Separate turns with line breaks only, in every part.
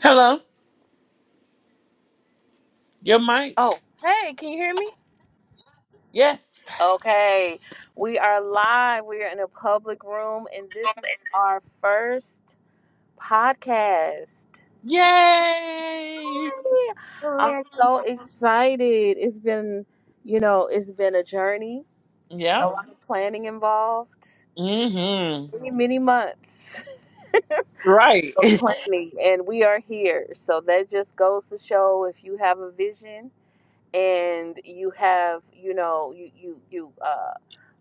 Hello, your mic.
Oh, hey, can you hear me?
Yes.
Okay, we are live. We are in a public room, and this is our first podcast.
Yay.
Yay! I'm so excited. It's been, you know, it's been a journey,
Yeah.
a lot of planning involved,
Mm-hmm.
many, many months
Right.
of planning, and we are here. So that just goes to show if you have a vision. and you have you know you you you uh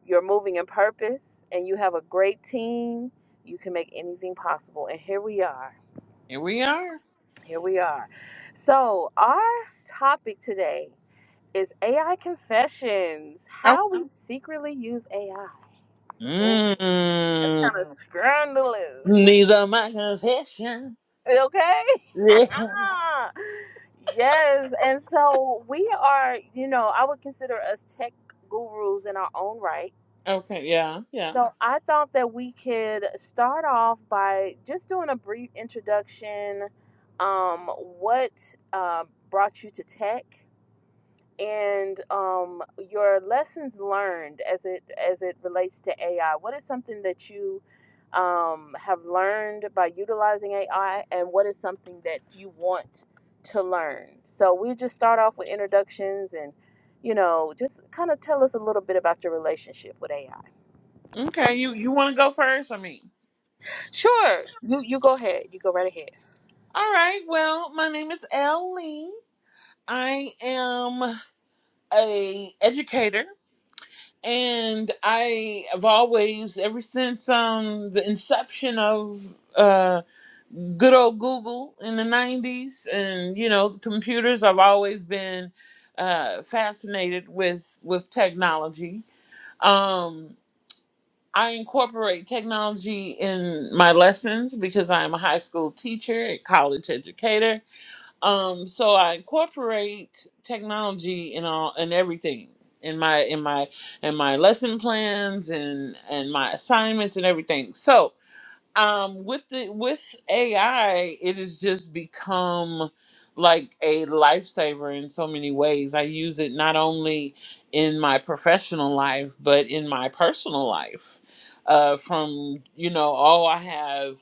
you're moving in purpose and you have a great team you can make anything possible and here we are
Here we are.
here we are so our topic today is ai confessions
Oh.
how we secretly use ai oh that's
Mm.
kind of scandalous
Need of my confession.
okay
Yeah.
yes and so we are you know i would consider us tech gurus in our own right
Okay. Yeah. Yeah.
So I thought that we could start off by just doing a brief introduction. Um, what uh, brought you to tech, and um, your lessons learned as it as it relates to AI? What is something that you um, have learned by utilizing AI, and what is something that you want to learn? So we just start off with introductions, and you know, just kind of tell us a little bit about your relationship with AI.
Okay. You you want to go first? I mean.
Sure. You you go ahead. You go right ahead.
All right. Well, my name is Ellie. I am a educator, and I have always, ever since um the inception of uh good old Google in the 90s. And, you know, the computers, I've always been uh, fascinated with, with technology. Um, I incorporate technology in my lessons because I'm a high school teacher, a college educator. Um, so I incorporate technology in all in everything in my in my in my lesson plans and and my assignments and everything. So um with the with AI, it has just become like a lifesaver in so many ways. I use it not only in my professional life, but in my personal life. Uh, from you know, oh, I have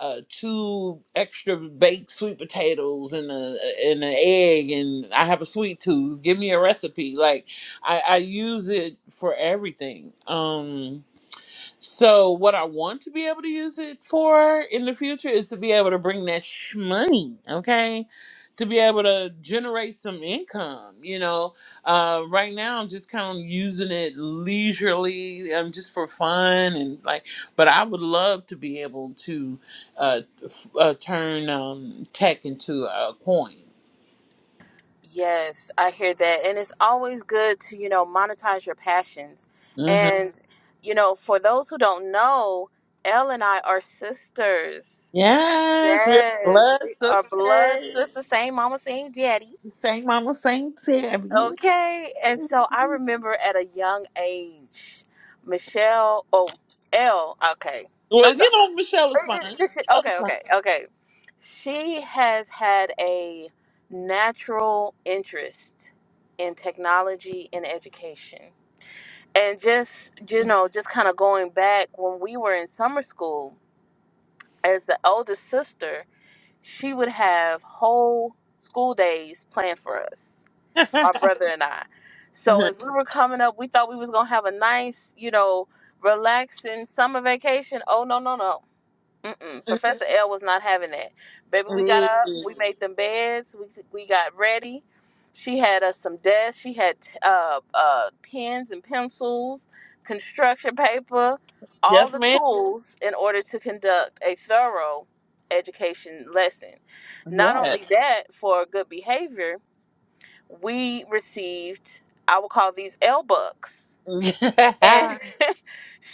uh, two extra baked sweet potatoes and a and an egg, and I have a sweet tooth. Give me a recipe. Like I, I use it for everything. Um, so what I want to be able to use it for in the future is to be able to bring that sh- money, okay? To be able to generate some income, you know. Uh, right now, I'm just kind of using it leisurely, um, just for fun and like. But I would love to be able to uh, f- uh, turn um, tech into a coin.
Yes, I hear that. And it's always good to, you know, monetize your passions.
hmm
And, Mhm. you know, for those who don't know, Elle and I are sisters.
Yes, we're
Yes,
blessed
we are blood
sisters.
sisters, same mama, same daddy.
Same mama, same Tabby.
Okay. And so I remember at a young age, Michelle, oh, Elle, okay.
Well,
Sometimes
you know, Michelle is
This
fine.
is- okay, okay, okay. She has had a natural interest in technology and education. And just, you know, just kind of going back when we were in summer school, as the oldest sister, she would have whole school days planned for us, my brother and I. So as we were coming up, we thought we was going to have a nice, you know, relaxing summer vacation. Oh, no, no, no. Mm-mm. Professor L was not having that. Baby, we got up, we made them beds, we, we got ready. She had us some desks, she had uh, uh, pens and pencils, construction paper,
yes,
all the
ma'am.
tools in order to conduct a thorough education lesson. Not
Yes.
only that, for good behavior, we received, I will call these L bucks. and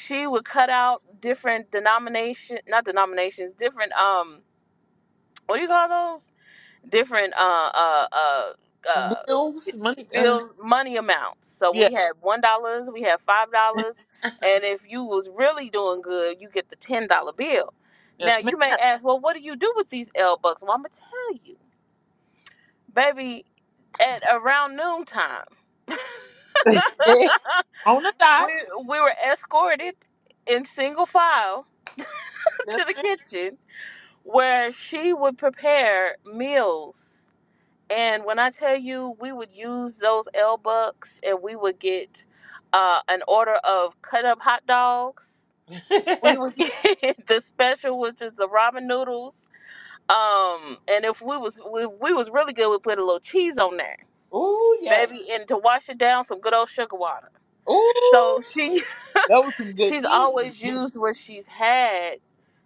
she would cut out different denomination not denominations different um what do you call those different uh uh uh uh
Bills, money. Uh,
bills money amounts so
yeah.
we had one dollars we had five dollars and if you was really doing good you get the ten dollar bill
Yes,
now you
ma'am.
may ask well what do you do with these l bucks well i'm gonna tell you baby at around noon time
On the dot.
we we were escorted in single file
Yes,
to the
ma'am.
kitchen where she would prepare meals. And when I tell you, we would use those L bucks, and we would get uh, an order of cut up hot dogs. We would get the special, which is the ramen noodles. Um, and if we was we, we was really good, we put a little cheese on there,
Ooh, yeah.
baby, and to wash it down, some good old sugar water.
Ooh,
So she
that was some good
she's
eating.
always used what she's had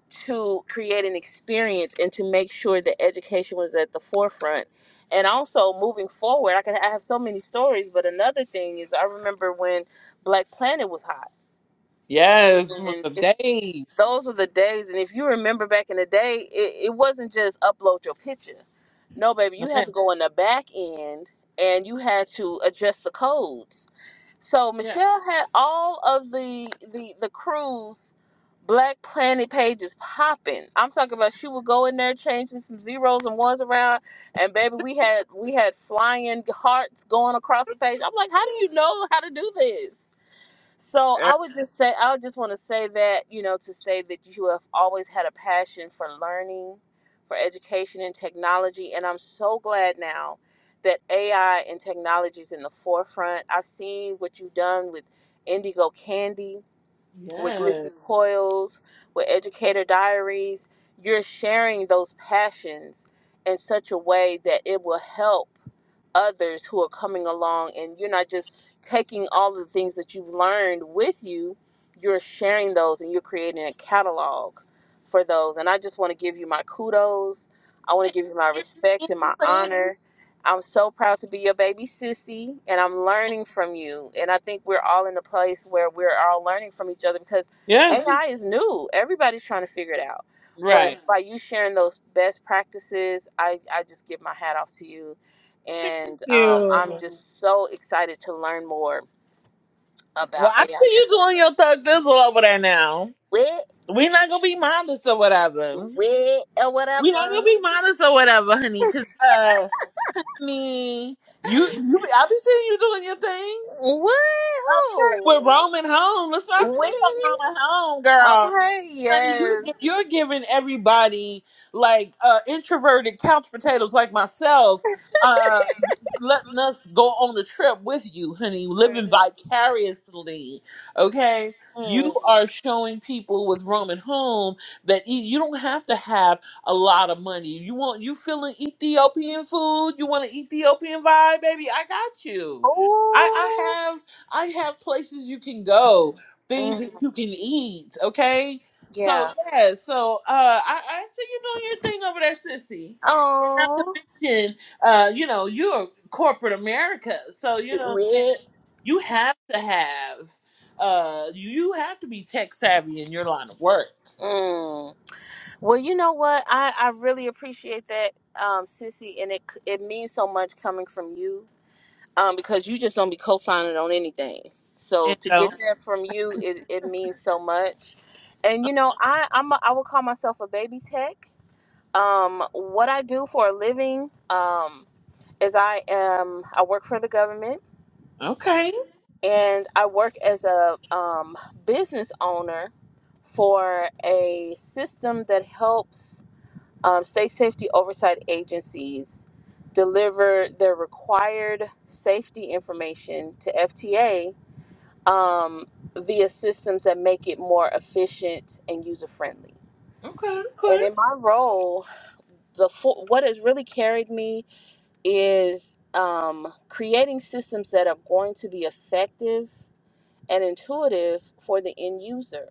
to create an experience and to make sure that education was at the forefront. And also moving forward, I can I have so many stories, but another thing is I remember when Black Planet was hot.
Yes, it was
And
the
if
days.
those were the days and if you remember back in the day, it, it wasn't just upload your picture. No, baby,
No,
you had
man.
to go in the back end and you had to adjust the codes so
Yeah.
Michelle had all of the the the crews Black Planet pages popping. I'm talking about she would go in there changing some zeros and ones around, and baby, we had we had flying hearts going across the page. I'm like, how do you know how to do this? So
Uh,
I would just say I would just want to say that you know to say that you have always had a passion for learning, for education and technology, and I'm so glad now that AI and technology is in the forefront. I've seen what you've done with Indigo Candy, with
Yes.
Glissy Mm. Coils, with Educator Diaries. You're sharing those passions in such a way that it will help others who are coming along and you're not just taking all the things that you've learned with you you're sharing those and you're creating a catalog for those and i just want to give you my kudos i want to give you my respect and my honor i'm so proud to be your baby sissy and i'm learning from you and i think we're all in a place where we're all learning from each other because
Yes.
ai is new everybody's trying to figure it out but
Right.
by you sharing those best practices i, I just give my hat off to you
Thank
and um, I'm
you.
just so excited to learn more about
Well, I
AI.
see you doing your thug dizzle over there now.
Wait,
We're not gonna be modest or whatever. We're not gonna be modest or whatever, honey. Cause uh, me, you, you, be- I be seeing you doing your thing. Okay, with Roman home. Let's not sleep on
wait,
Roman home, girl honey, you're, gi- you're giving everybody like uh, introverted couch potatoes like myself, uh, letting us go on a trip with you, honey, living vicariously. Okay,
mm,
you are showing people with Roman home that you you don't have to have a lot of money. You want you feeling Ethiopian food? You want an Ethiopian vibe, baby? I got you. I, I
oh,
have I have places you can go, things
mm,
that you can eat. Okay, so
yeah,
yeah, so uh I, I see you doing your thing over there, sissy. And not to
oh,
mention, uh, you know, you're corporate America. So you know what I'm
wait.
saying? You have to have uh you you have to be tech savvy in your line of work.
Mm. Well, you know what? I, I really appreciate that, um, Sissy, and it it means so much coming from you, um, because you just don't be co-signing on anything. So
And
to get
so
that from you, it, it means so much. And you know, I I'm a, I would call myself a baby tech Um, what I do for a living um, is I am I work for the government
Okay.
and I work as a um, business owner for a system that helps um, state safety oversight agencies deliver their required safety information to FTA um, via systems that make it more efficient and user friendly.
Okay, okay.
And in my role, the full, what has really carried me is um, creating systems that are going to be effective and intuitive for the end user.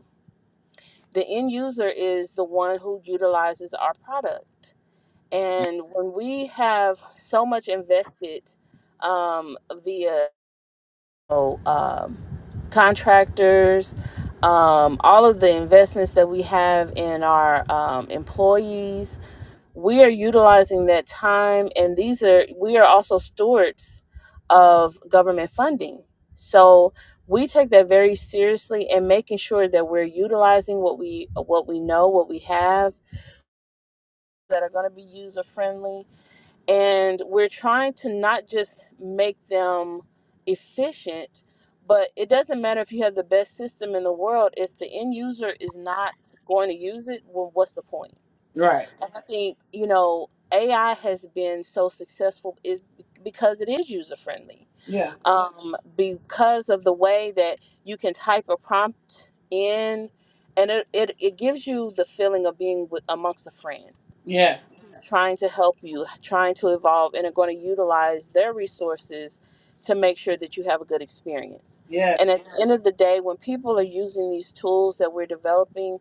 The end user is the one who utilizes our product. And when we have so much invested um, via so, um, contractors, um, all of the investments that we have in our um, employees, we are utilizing that time and these are we are also stewards of government funding so we take that very seriously and making sure that we're utilizing what we what we know what we have that are going to be user friendly and we're trying to not just make them efficient but it doesn't matter if you have the best system in the world if the end user is not going to use it well what's the point
Right.
and I think, you know, AI has been so successful is because it is user friendly.
Yeah.
Um, because of the way that you can type a prompt in and it, it, it gives you the feeling of being with, amongst a friend
Yeah.
trying to help you, trying to evolve, and are going to utilize their resources to make sure that you have a good experience.
Yeah.
And at the end of the day, when people are using these tools that we're developing,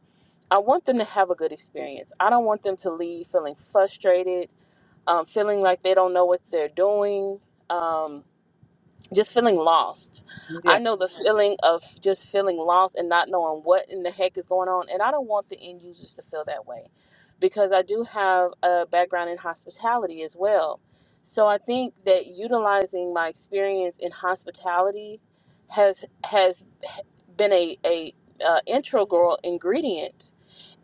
I want them to have a good experience. I don't want them to leave feeling frustrated, um, feeling like they don't know what they're doing, um, just feeling lost. I
Yeah.
know the feeling of just feeling lost and not knowing what in the heck is going on, and I don't want the end users to feel that way because I do have a background in hospitality as well. So I think that utilizing my experience in hospitality has has been a a uh, integral ingredient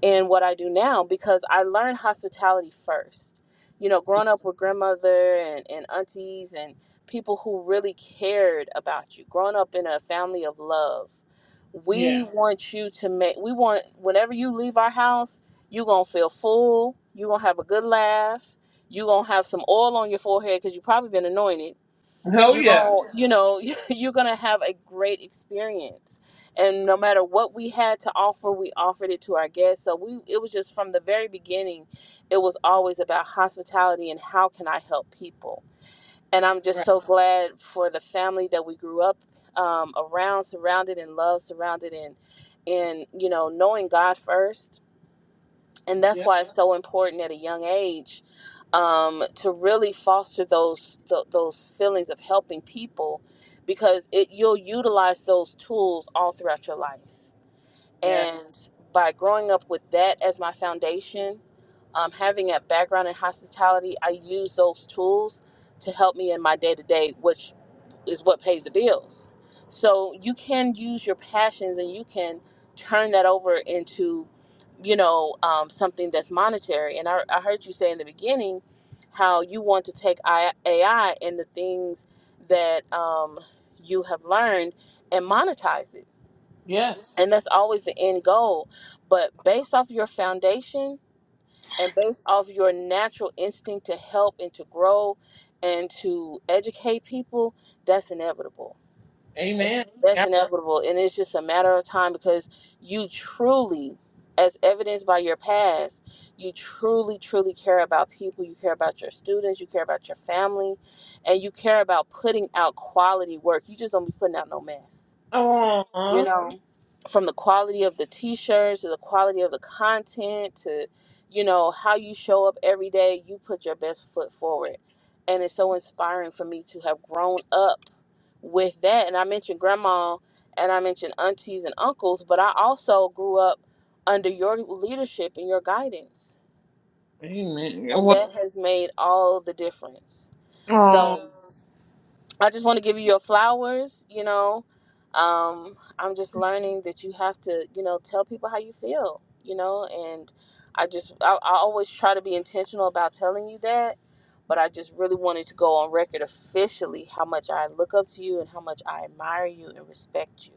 in what I do now because I learned hospitality first. You know, growing up with grandmother and, and aunties and people who really cared about you, growing up in a family of love,
Yeah.
we want you to make, we want, whenever you leave our house, you're going to feel full, you're going to have a good laugh, you're going to have some oil on your forehead because you've probably been anointed
Oh
you
yeah.
going you know you're gonna have a great experience and no matter what we had to offer we offered it to our guests so we it was just from the very beginning it was always about hospitality and how can i help people and i'm just so glad for the family that we grew up um, around surrounded in love surrounded in in you know knowing god first and that's
Yeah.
why it's so important at a young age um, to really foster those th- those feelings of helping people because it you'll utilize those tools all throughout your life
Yeah.
and by growing up with that as my foundation um, having a background in hospitality i use those tools to help me in my day-to-day which is what pays the bills. So you can use your passions and you can turn that over into, you know, um, something that's monetary. And I, I heard you say in the beginning how you want to take I- AI and the things that um, you have learned and monetize it.
Yes.
And that's always the end goal. But based off your foundation and based off your natural instinct to help and to grow and to educate people, that's inevitable
Amen.
that's inevitable. And it's just a matter of time because you truly, as evidenced by your past, you truly, truly care about people. You care about your students. You care about your family. And you care about putting out quality work. You just don't be putting out no mess.
Oh.
You know, from the quality of the t shirts to the quality of the content to, you know, how you show up every day, you put your best foot forward. And it's so inspiring for me to have grown up with that. And I mentioned grandma and I mentioned aunties and uncles, but I also grew up under your leadership and your guidance.
Amen.
And
Well,
that Mhm. has made all the difference. So,
aw.
Mhm. I just want to give you your flowers, you know. Um, I'm just learning that you have to, you know, tell people how you feel, you know, and I just, I, I always try to be intentional about telling you that, but I just really wanted to go on record officially how much I look up to you and how much I admire you and respect you.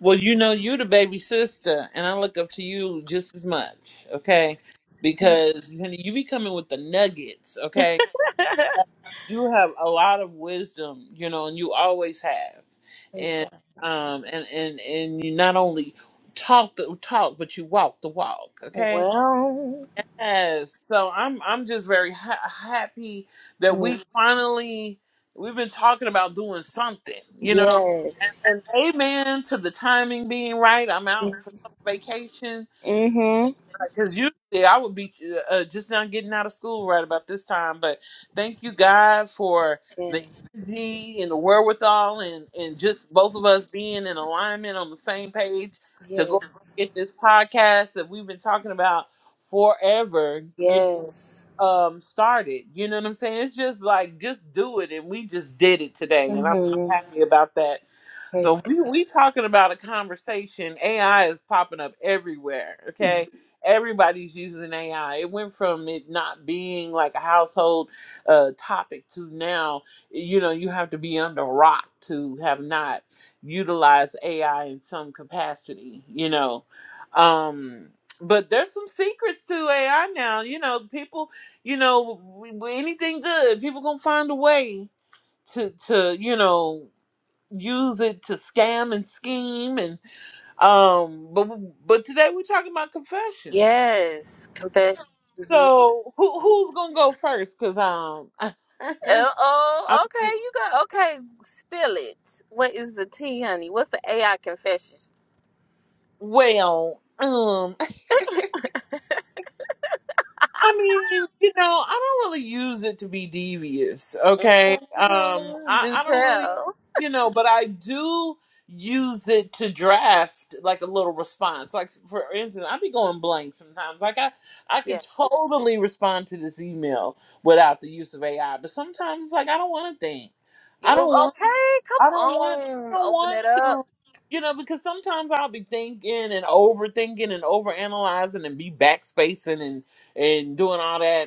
well, you know, you the baby sister, and I look up to you just as much, okay? Because honey, you be coming with the nuggets, okay? You have a lot of wisdom, you know, and you always have, and um, and and and you not only talk the talk, but you walk the walk, okay?
Well,
Yes. So I'm I'm just very ha- happy that
mm,
we finally we've been talking about doing something, you know. And,
yes.
and amen to the timing being right. I'm out for vacation
Mm-hmm.
because usually I would be uh, just now getting out of school right about this time. But thank you, God, for
Yeah.
the energy and the wherewithal and and just both of us being in alignment on the same page to
Yes.
go get this podcast that we've been talking about forever. You know
Yes.
um started. You know what I'm saying? It's just like just do it and we just did it today and I'm,
Mm-hmm.
I'm happy about that.
Praise
So we we talking about a conversation. AI is popping up everywhere.
God.
Okay, everybody's using AI. It went from it not being like a household uh, topic to now, you know, you have to be under a rock to have not utilized AI in some capacity. You know, um, but there's some secrets to AI now. You know, people, you know, w- w- anything good, people gonna find a way to to you know use it to scam and scheme and um but but today we're talking about confessions
Yes. Confession.
so who who's gonna go first because um
Uh,
i
Oh,
mean
okay. You got okay. Spill it. What is the tea, honey? What's the AI confession?
well um. I mean, you know, I don't really use it to be devious, okay? Um,
hmm
I,
Do
I don't really,
tell.
you know, but I do use it to draft like a little response. Like for instance, I'd be going blank sometimes. Like I, I
Yeah.
could totally respond to this email without the use of AI, but sometimes it's like I don't want to think. I
You
don't
okay? Come
I don't want I
on.
don't
Open
want
it up.
to you know because sometimes I'll be thinking and overthinking and overanalyzing and be backspacing and and doing all that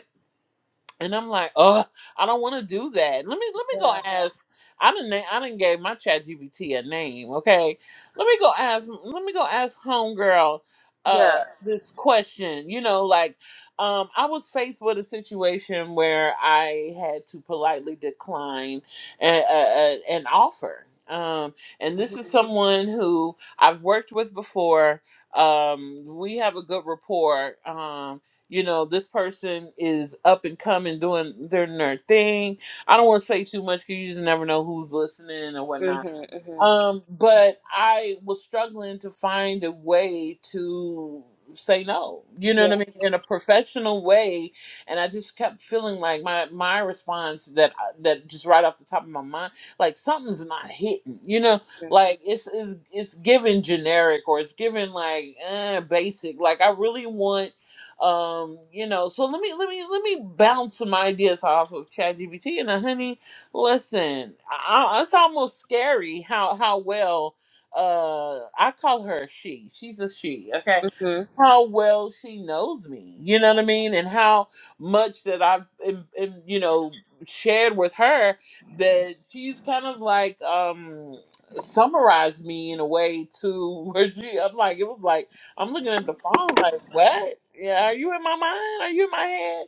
and I'm like, oh, I don't want to do that. Let me let me go
Yeah.
ask. I didn't I didn't gave my chat GBT a name. Okay, let me go ask. Let me go ask homegirl
Yeah.
uh this question you know like um i was faced with a situation where i had to politely decline a, a, a- an offer um and this
Mhm.
is Mhm. someone who i've worked with before um we have a good rapport um you know this person is up and coming doing their, their thing i don't want to say too much because you just never know who's listening or whatnot
Mhm.
um, but I was struggling to find a way to say no. You know what I
Yeah.
mean? In a professional way, and I just kept feeling like my my response that I- that just right off the top of my mind, like something's not hitting. You know, like it's it's it's given generic or it's given like eh, basic. Like I really want um you know so let me let me let me bounce some ideas off of ChatGPT and uh, honey Listen, I, it's almost scary how how well uh I call her she. She's a she, okay?
Mhm.
How well she knows me, you know what I mean, and how much that I've in, in, you know shared with her that she's kind of like um summarized me in a way to where she I'm like it was like I'm looking at the phone like what yeah are you in my mind are you in my head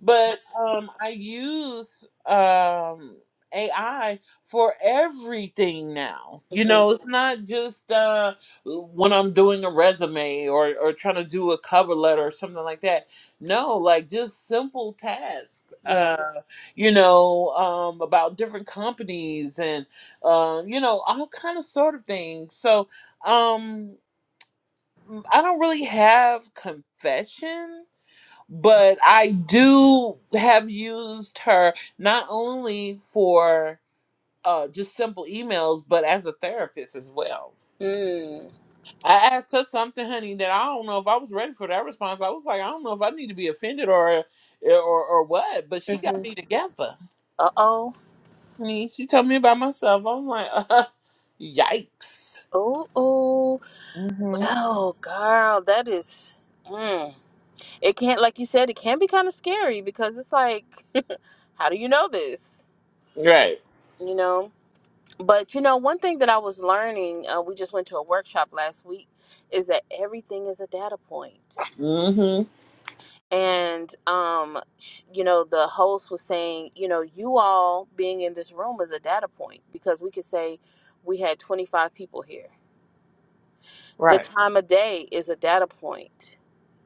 but um I use um AI for everything now. You
Mhm.
know, it's not just uh, when I'm doing a resume or, or trying to do a cover letter or something like that. No, like just simple tasks,
Yeah.
uh, you know, um, about different companies and, uh, you know, all kind of sort of things. So um, I don't really have confession, but I do have used her not only for uh, just simple emails, but as a therapist as well.
Mm.
I asked her something, honey, that I don't know if I was ready for that response. I was like, I don't know if I need to be offended or eh, or or what, but she got
Mhm.
me together.
Uh oh.
Honey, she told me about myself. I'm like, uh, yikes.
Oh oh.
hmm
Well, girl, that is. Mm. It can't, like you said, it can be kind of scary because it's like, how do you know this?
Right.
You know. But you know, one thing that I was learning, uh, we just went to a workshop last week, is that everything is a data point.
hmm
And um, sh- you know, the host was saying, you know, you all being in this room is a data point because we could say we had 25 people here the
Right.
time of day is a data point.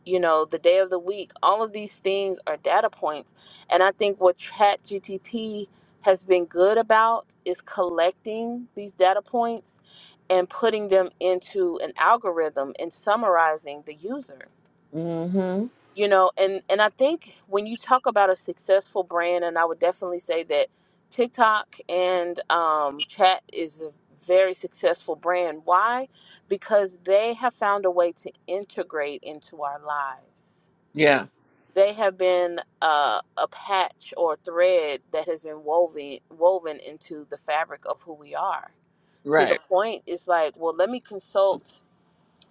You know, the day of the week, all of these things are data points. And I think what ChatGTP has been good about is collecting these data points and putting them into an algorithm and summarizing the user
hmm
you know and and i think when you talk about a successful brand and i would definitely say that tiktok and um, chat is a very successful brand why because they have found a way to integrate into our lives
Yeah.
they have been uh, a patch or thread that has been woven woven into the fabric of who we are to the
Right.
point it's like well let me consult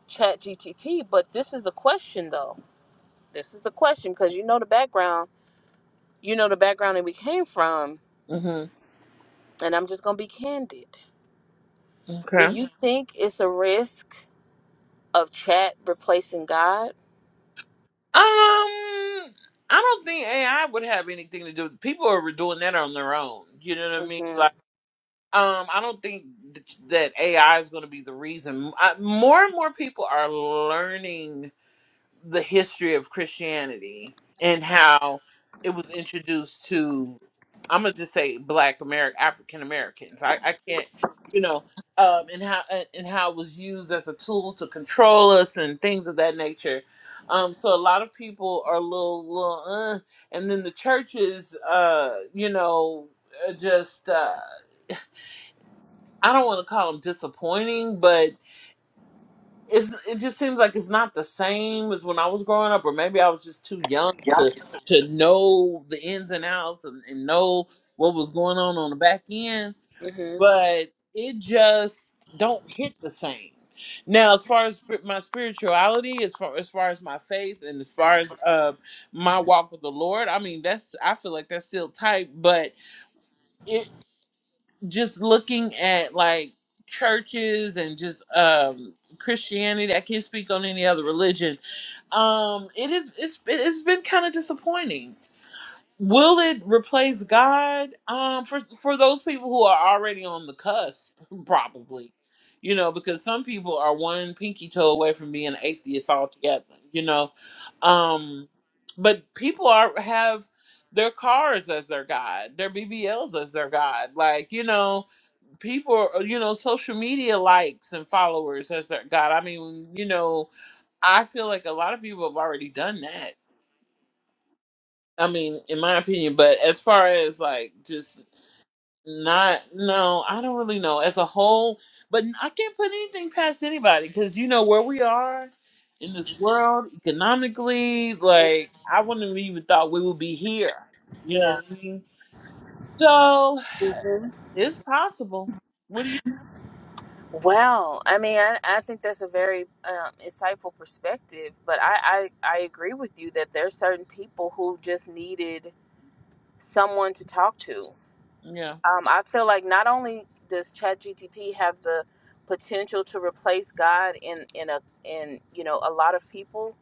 chat gtp but this is the question though this is the question because you know the background you know the background that we came from
hmm
and i'm just gonna be candid do
Okay. Um,
you think it's a risk of chat replacing god
I don't think AI would have anything to do. with People are doing that on their own. You know what I mean?
mm-hmm
Um, I don't think th- that AI is going to be the reason. I, more and more people are learning the history of Christianity and how it was introduced to, I'm going to just say Black American, African Americans. I, I can't, you know, um, and how and and how it was used as a tool to control us and things of that nature. Um, so a lot of people are a little, little, uh, and then the churches, uh, you know, uh, just. Uh, I don't want to call them disappointing, but it's it just seems like it's not the same as when I was growing up, or maybe I was just too young to to know the ins and outs and, and know what was going on on the back end.
mm-hmm
But it just don't hit the same. Now, as far as spir- my spirituality, as far as far as my faith, and as far as uh, my walk with the Lord, I mean that's I feel like that's still tight, but just looking at like churches and just um Christianity. I can't speak on any other religion. Um, it is it's it's been kind of disappointing. Will it replace God? Um, for for those people who are already on the cusp, probably, you know, because some people are one pinky toe away from being atheists altogether, you know, um, but people are have their cars as their god, their BBLs as their god, like you know, people you know social media likes and followers as their god i mean you know i feel like a lot of people have already done that i mean in my opinion but as far as like just not no i don't really know as a whole but i can't put anything past anybody because you know where we are in this world economically like i wouldn't have even thought we would be here you know
yeah
what i mean so it's possible what do you
well i mean i, I think that's a very um, insightful perspective but I, I i agree with you that there's certain people who just needed someone to talk to
yeah
um, i feel like not only does chat have the potential to replace god in in a in you know a lot of people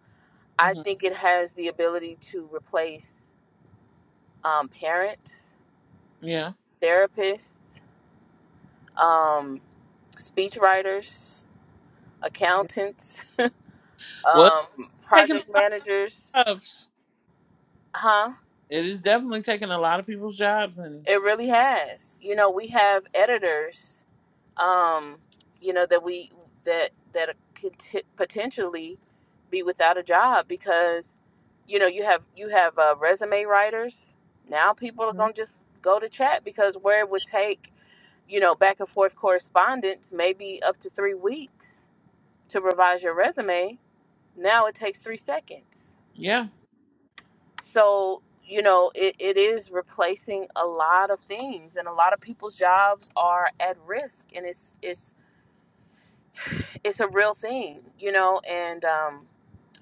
I
hmm
think it has the ability to replace um, parents,
yeah
therapists, um, speech writers, accountants,
what?
um,
Taking
project managers.
jobs.
Huh?
It is definitely taking a lot of people's jobs, and
It really has. You know, we have editors. Um, you know that we that that could t- potentially be without a job because you know you have you have uh, resume writers. Now people are gonna just go to chat because where it would take you know, back and forth correspondence, maybe up to three weeks to revise your resume. Now it takes three seconds.
yeah,
So, you know, it, it is replacing a lot of things and a lot of people's jobs are at risk and it's it's it's a real thing, you know, and um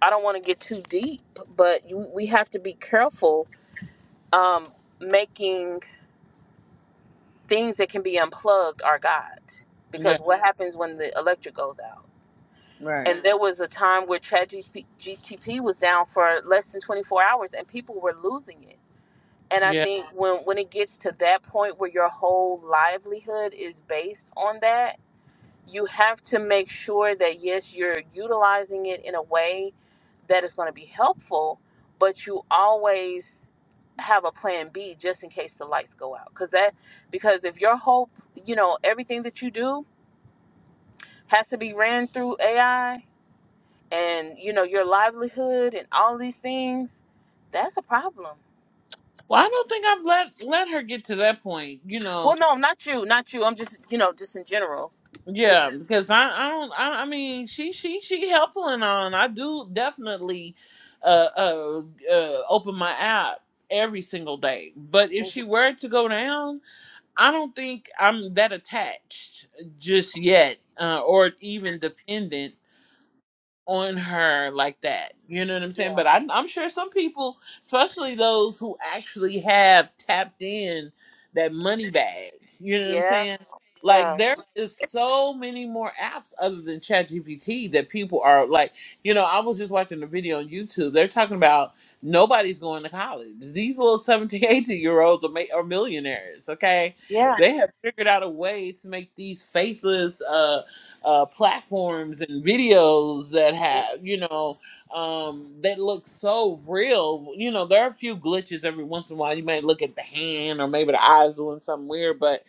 I don't want to get too deep, but you, we have to be careful um making things that can be unplugged our God
yeah,
because what happens when the electric goes out?
right,
and there was a time where ChatGPT GTP was down for less than 24 hours and people were losing it. And I
yeah.
think when when it gets to that point where your whole livelihood is based on that, you have to make sure that yes, you're utilizing it in a way that is going to be helpful, but you always have a plan B just in case the lights go out. Cuz that because if your whole, you know, everything that you do has to be ran through AI, and you know your livelihood and all these things that's a problem
Well, I don't think I've let let her get to that point, you know.
well no not you not you i'm just you know just in general it's
Yeah, because I I don't I I mean she she she helpful and on. I do definitely uh, uh uh open my app every single day. But if
Mhm.
she were to go down, I don't think I'm that attached just yet, uh, or even dependent on her like that. You know what I'm
yeah
saying? But I'm, I'm sure some people, especially those who actually have tapped in that money bag, you know what I'm
yeah
saying? Like
yeah
there is so many more apps other than ChatGPT that people are like, you know, I was just watching a video on YouTube. They're talking about nobody's going to college. These little 17, 18 year olds are, ma- are millionaires. Okay,
yeah
they have figured out a way to make these faceless. uh, uh, platforms and videos that
mm,
have you know um, that look so real. You know, there are a few glitches every once in a while. You might look at the hand or maybe the eyes doing something weird, but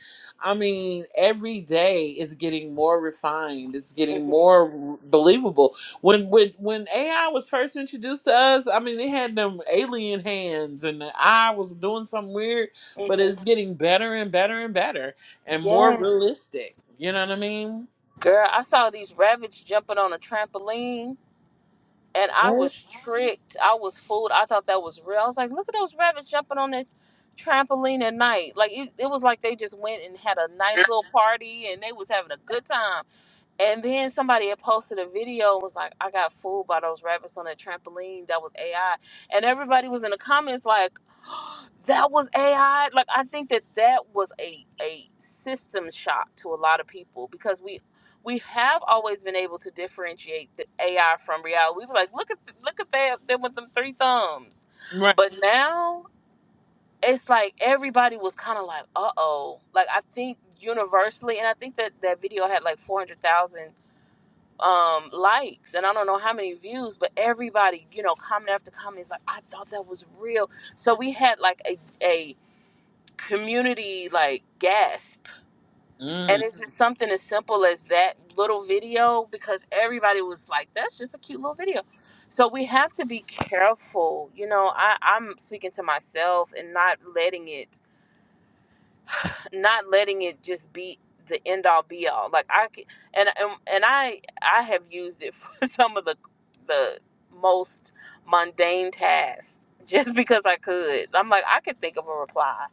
I mean, every day is getting more refined. It's getting
mm-hmm.
more r- believable. When when when AI was first introduced to us, I mean, it had them alien hands and the eye was doing something weird, but
hmm
it's getting better and better and better and more
yes
realistic. You know what I mean?
girl i saw these rabbits jumping on a trampoline and i was tricked i was fooled i thought that was real i was like look at those rabbits jumping on this trampoline at night like it, it was like they just went and had a nice little party and they was having a good time And then somebody had posted a video and was like, I got fooled by those rabbits on a trampoline. That was AI. And everybody was in the comments like, that was AI. Like, I think that that was a, a system shock to a lot of people because we we have always been able to differentiate the AI from reality. We were like, look at look at that them with them three thumbs.
Right.
But now it's like everybody was kind of like, uh oh. Like I think universally, and I think that that video had like four hundred thousand um likes and I don't know how many views, but everybody, you know, comment after comment is like, I thought that was real. So we had like a a community like gasp. And
Mm.
it's just something as simple as that little video because everybody was like, That's just a cute little video. So we have to be careful, you know. I, I'm speaking to myself and not letting it not letting it just be the end all be all. Like I c- and and, and I I have used it for some of the the most mundane tasks just because I could. I'm like I could think of a reply,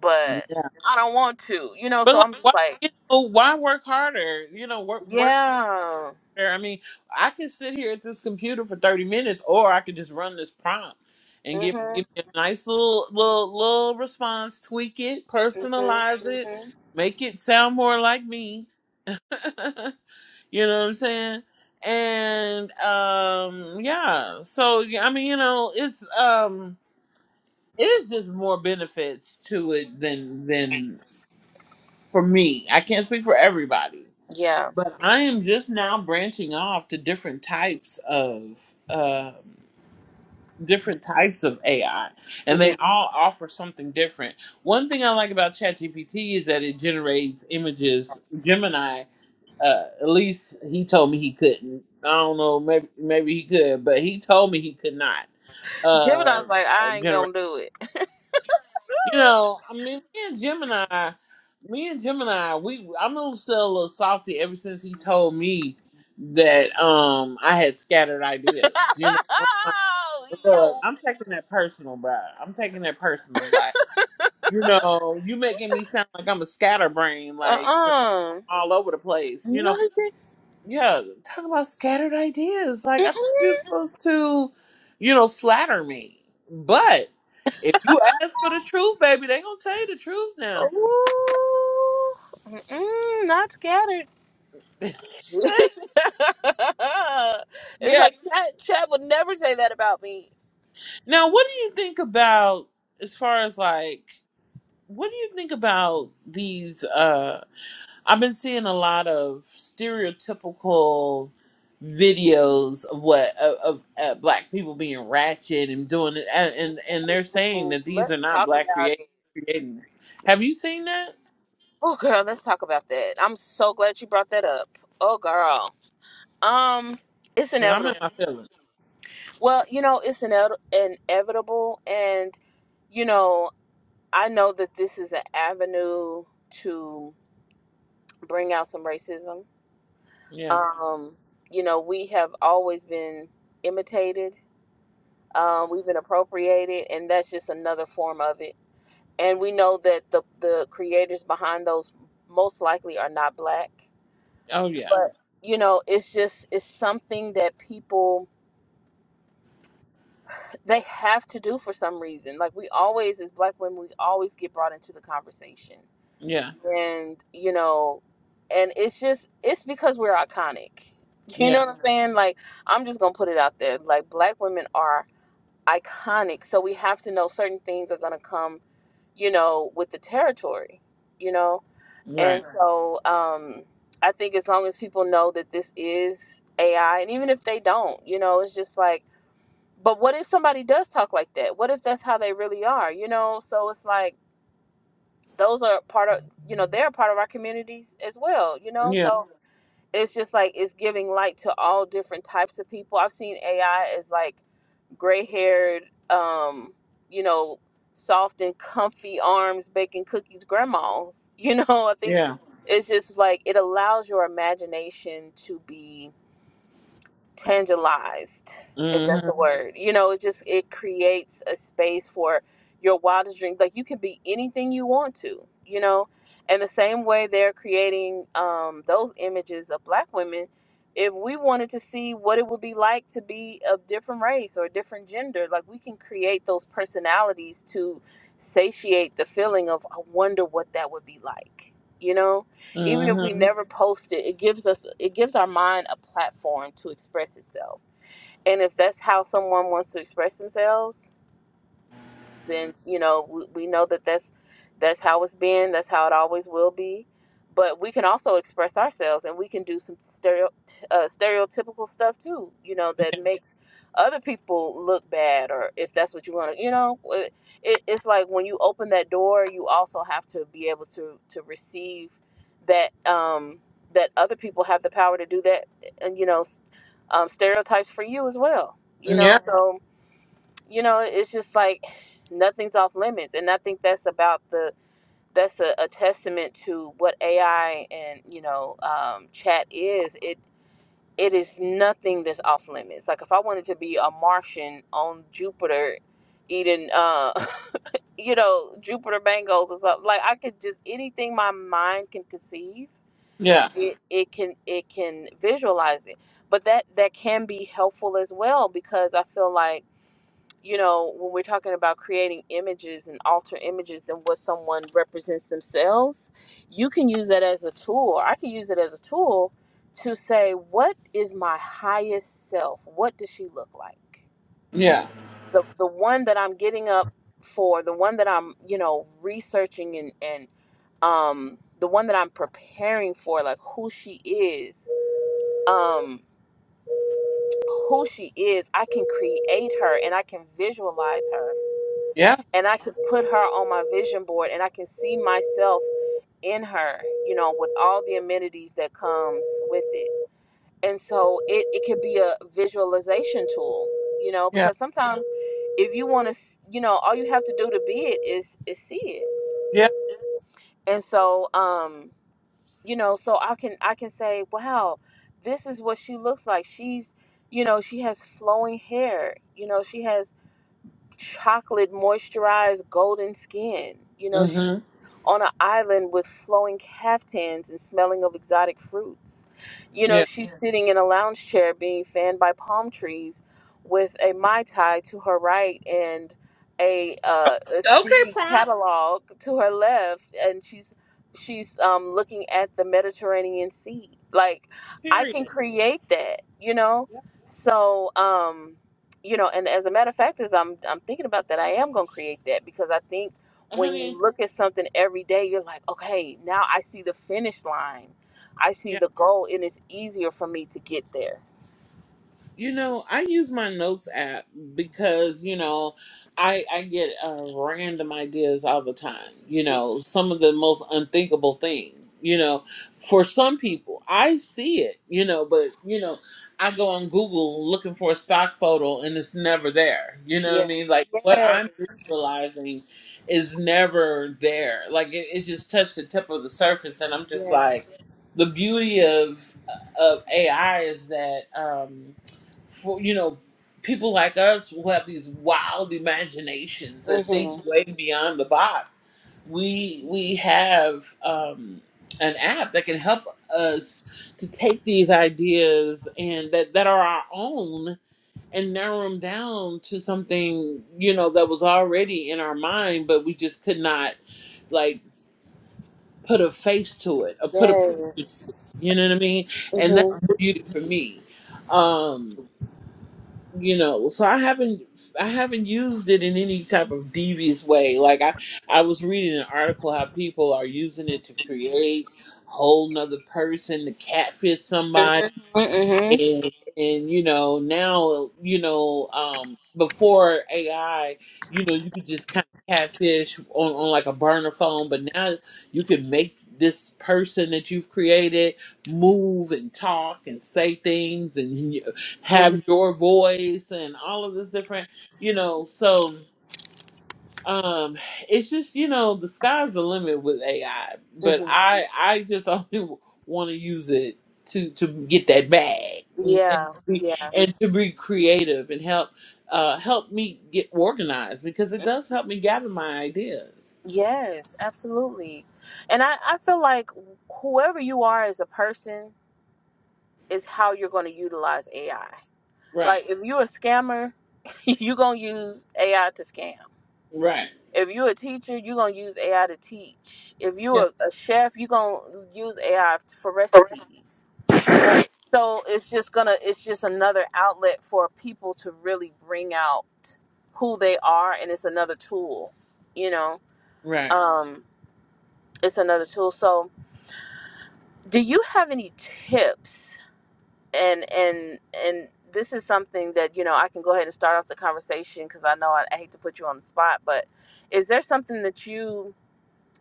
but I don't want to. You know,
But
so
like,
I'm just
why
like,
you know why work harder? You know, work work
yeah.
smarter. I mean, I could sit here at this computer for thirty minutes, or I could just run this prompt and give
Mhm.
give me a nice little little little response, tweak it,
Mhm.
personalize it,
Mhm.
make it sound more like me. you know what I'm saying? And um, yeah. So yeah, I mean, you know, it's um. It is just more benefits to it than than for me. I can't speak for everybody,
Yeah.
but I am just now branching off to different types of um different types of AI, and they
Mhm.
all offer something different. One thing I like about ChatGPT is that it generates images. Gemini, uh, at least he told me he couldn't. I don't know, maybe maybe he could, but he told me he could not uh,
Jebediah's like
uh,
I ain't
generate.
going to do it.
You know, I mean, me and Gemini, me and Gemini, we I'm a little- still a little salty ever since he told me that um I had scattered ideas. You know, I'm like,
oh,
look, I'm taking that personal, bro. I'm taking that personal. Like, you know, you making me sound like I'm a scatterbrain,
yo.
like you know,
Uh-uh.
all over the place. You
No,
know,
he
yeah, talk about scattered ideas. Like I
didn't.
thought you were supposed to, you know, flatter me. But if you ask for the truth, baby, they gonna tell you the truth now.
Ooh, mm-mm, not scattered. it's
yeah.
like Chad, Chad would never say that about me.
Now, what do you think about as far as like what do you think about these? Uh, I've been seeing a lot of stereotypical videos of what of, of uh, black people being ratchet and doing it, and, and and they're saying
Ooh,
that these
let's
are not
talk
black
about
creators
it.
creating it. Have you seen that?
Oh, girl, let's talk about that. I'm so glad you brought that up. Oh, girl. Um, it's
Because I'm in
inevitable.
my feelings.
Well, you know, it's ine- inevitable, and you know, I know that this is an avenue to bring out some racism
Yeah.
um, you know, we have always been imitated. Um, we've been appropriated, and that's just another form of it. And we know that the the creators behind those most likely are not black,
Oh yeah.
but you know, it's just it's something that people they have to do for some reason. Like we always, as black women, we always get brought into the conversation
Yeah.
and you know and it's just it's because we're iconic you know
Yeah.
what i'm Mhm. saying like i'm just gonna put it out there like black women are iconic so we have to know certain things are gonna come you know with the territory you know and
Right.
Right. so um i think as long as people know that this is ai and even if they don't you know it's just like but what if somebody does talk like that what if that's how they really are you know so it's like those are part of you know they're part of our communities as well you know
Yeah.
so Yeah. it's just like it's giving light to all different types of people i've seen ai as like gray haired um you know soft and comfy arms baking cookies grandmas you know i think
Yeah.
it's just like it allows your imagination to be tangilized if that's a
Mhm.
Mhm. word you know it just it creates a space for your wildest dreams like you can be anything you want to you know and the same way they're creating um, those images of black women if we wanted to see what it would be like to be of different race or different gender like we can create those personalities to satiate the feeling of i wonder what that would be like you know even if we
Mhm.
never post it, it gives us it gives our mind a platform to express itself. And if that's how someone wants to express themselves, then you know we, we know that that's that's how it's been that's how it always will be but we can also express ourselves and we can do some stereo, uh, stereotypical stuff too you know that
Yeah.
makes other people look bad or if that's what you want to you know it, it, it's like when you open that door you also have to be able to to receive that um that other people have the power to do that and you know um, stereotypes for you as well you know
Yeah.
so you know it's just like nothing's off limits and i think that's about the that's a, a testament to what ai and you know um, chat is it it is nothing that's off limits like if i wanted to be a martian on jupiter eating uh you know jupiter mangoes or something like i could just anything my mind can conceive it, it can it can visualize it but that that can be helpful as well because i feel like you know, when we're talking about creating images and alter images and what someone represents themselves, you can use that as a tool, or I can use it as a tool to say, what is my highest self? What does she look like?
Yeah.
The the one that I'm getting up for, the one that I'm, you know, researching and, and um the one that I'm preparing for, like who she is, um, who she is, I can create her and I can visualize her
Yeah.
and I could put her on my vision board and I can see myself in her, you know, with all the amenities that comes with it. And so it, it could be a visualization tool, you know,
Yeah.
because sometimes if you want to, you know, all you have to do to be it is, is see it.
Yeah.
And so, um, you know, so I can, I can say, wow, this is what she looks like. She's, you know, she has flowing hair, you know, she has chocolate moisturized golden skin. You know, she's
Mhm.
on an island with flowing caftans and smelling of exotic fruits. You know,
Yeah.
she's Yeah. sitting in a lounge chair being fanned by palm trees with a Mai Tai to her right and a,
Oh,
uh, a
Okay,
steamy
prompt.
catalog to her left. And she's she's um, looking at the Mediterranean Sea. Like, I can
Period.
create that, you know?
Yeah.
So, um, you know and as a matter of fact as i'm i'm thinking about that i am going to create that because i think when you
Honey.
look at something every day you're like okay now i see the finish line i
Yeah.
see the goal and it's easier for me to get there
You know, I use my notes app because, you know, I I get uh, random ideas all the time. You know, some of the most unthinkable thing. You know, for some people, I see it, you know, but, you know, I go on Google looking for a stock photo and it's never there. You know what I mean? Like what
Yes,
I'm visualizing is never there. Like it, it just touched the tip of the surface and I'm just
yeah.
like the beauty of of AI is that um for you know people like us who have these wild imaginations that
Mm-hmm.
think way beyond the box we we have um an app that can help us to take these ideas and that that are our own and narrow them down to something you know that was already in our mind but we just could not like put a face to it or put a picture to it
Yes.
you know what i mean and that's
Mm-hmm.
the beauty for me um you know so i haven't i haven't used it in any type of devious way like i i was reading an article how people are using it to create a whole nother person to catfish
hmm
and and you know now you know um before AI you know you could just kind of catfish on on like a burner phone but now you can make this person that you've created move and talk and say things and you
hmm
have your voice and all of this different you know so um, it's just you know the sky's the limit with AI, but
hmm
I I just only want to use it to to get that bag and and,
Yeah.
be,
Yeah.
and to be creative and help uh help me get organized because it does help me gather my ideas.
Yes, absolutely. And I, I feel like whoever you are as a person is how you're going to utilize AI.
Right.
Like if you're a scammer, you're gonna use AI to scam.
Right.
If you're a teacher, you're gonna use AI to teach. If
Yeah.
you're a, a chef, you're gonna use AI for recipes. So it's just gonna it's just another outlet for people to really bring out who they are and it's another tool, you know.
Right.
Um, it's another tool. So do you have any tips? and and and this is something that you know I can go ahead and start off the conversation because I know I, I hate to put you on the spot, but is there something that you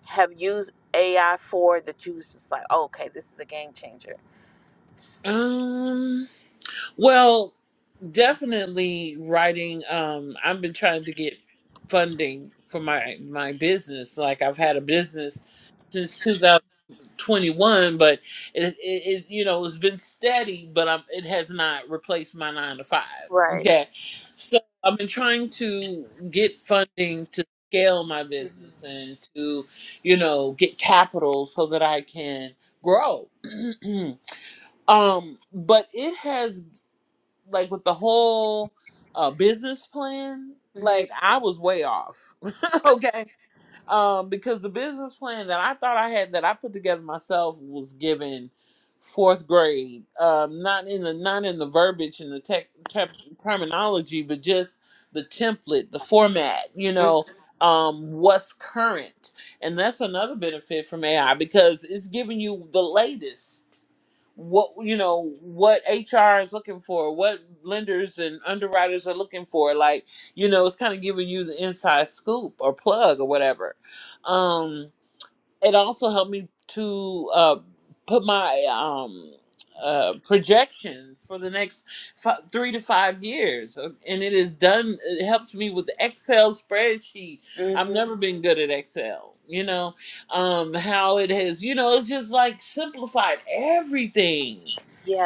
have used AI for that you was just like, oh, okay, this is a game changer,
Um. Well. definitely writing um i've been trying to get funding for my my business like i've had a business since 2021 but it, it, it you know it's been steady but i it has not replaced my nine to five
right?
okay so i've been trying to get funding to scale my
Mhm.
business and to you know get capital so that i can grow um but it has like with the whole uh, business plan,
Mhm.
like I was way off. okay. Um, because the business plan that I thought I had that I put together myself was given fourth grade. Um, not in the not in the verbiage and the tech, tech terminology, but just the template, the format, you know, um, what's current. And that's another benefit from AI because it's giving you the latest what you know what hr is looking for what lenders and underwriters are looking for like you know it's kind of giving you the inside scoop or plug or whatever um it also helped me to uh, put my um, uh, projections for the next f- three to five years. Uh, And it is done, it helped me with the Excel spreadsheet. I've
Mhm.
never been good at Excel, you know, um, how it has, you know, it's just like simplified everything.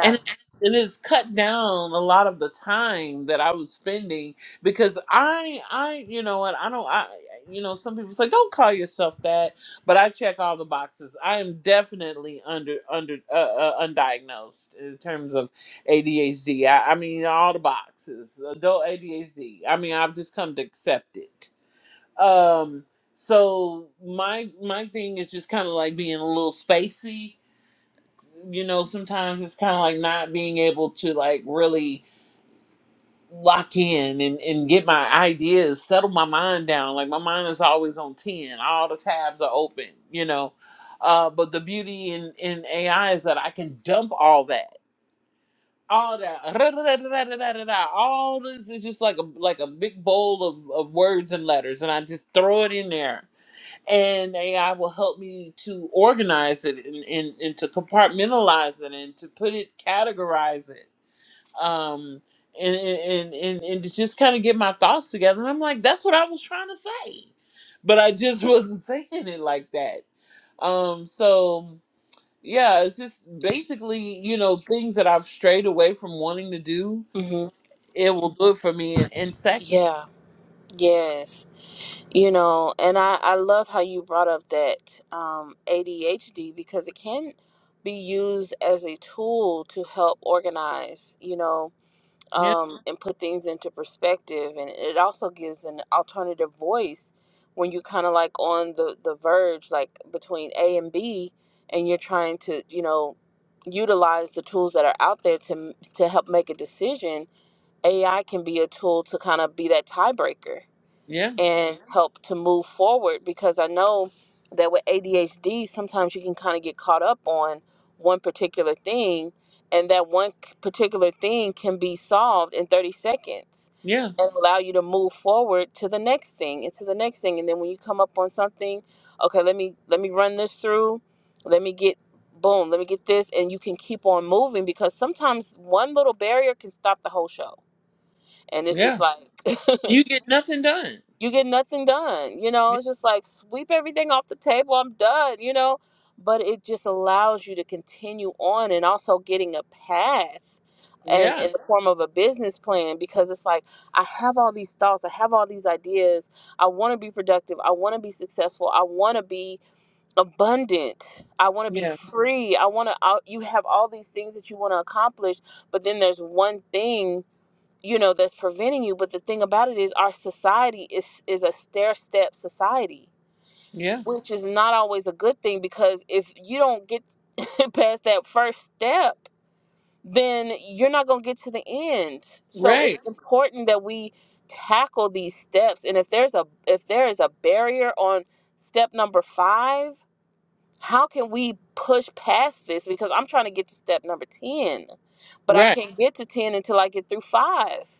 And it it has cut down a lot of the time that I was spending because I, I, you know, and I don't, I, you know, some people say, don't call yourself that but I check all the boxes. I am definitely under under uh, uh, undiagnosed in terms of ADHD. I, I mean all the boxes. Adult ADHD. I mean I've just come to accept it. Um so my my thing is just kind of like being a little spacey. You know, sometimes it's kind of like not being able to like really lock in and, and get my ideas, settle my mind down. Like my mind is always on 10. All the tabs are open, you know. Uh, but the beauty in, in AI is that I can dump all that. All that, all this is just like a like a big bowl of, of words and letters, and I just throw it in there, and AI will help me to organize it and, and, and to compartmentalize it and to put it, categorize it, um, and and and, and to just kind of get my thoughts together. And I'm like, that's what I was trying to say, but I just wasn't saying it like that. Um, so yeah, it's just basically you know things that I've strayed away from wanting to do.
Mhm.
It will do it for me in, in second.
Yeah. Yes. You know, and I I love how you brought up that um ADHD because it can be used as a tool to help organize, you know,
Yeah,
um, and put things into perspective. And it also gives an alternative voice when you're kind of like on the, the verge, like between A and B, and you're trying to, you know, utilize the tools that are out there to, to help make a decision. AI can be a tool to kind of be that tiebreaker
yeah,
and help to move forward because I know that with ADHD, sometimes you can kind of get caught up on one particular thing, and that one c- particular thing can be solved in 30 seconds
yeah,
and allow you to move forward to the next thing and to the next thing and then when you come up on something okay let me let me run this through let me get boom let me get this and you can keep on moving because sometimes one little barrier can stop the whole show and it's just
yeah.
like
You get nothing done.
you get nothing done. You know,
Yeah,
it's just like sweep everything off the table. I'm done, you know. But it just allows you to continue on and also getting a path and
yeah,
in the form of a business plan because it's like I have all these thoughts, I have all these ideas. I want to be productive. I want to be successful. I want to be abundant. I want to be
yeah,
free. I want to you have all these things that you want to accomplish, but then there's one thing you know that's preventing you but the thing about it is our society is is a stair step society
yeah.
which is not always a good thing because if you don't get past that first step then you're not going to get to the end so it's
Right,
Right. important that we tackle these steps and if there's a if there is a barrier on step number 5 how can we push past this because I'm trying to get to step number 10 but I
right.
can't Right. get to 10 until I get through 5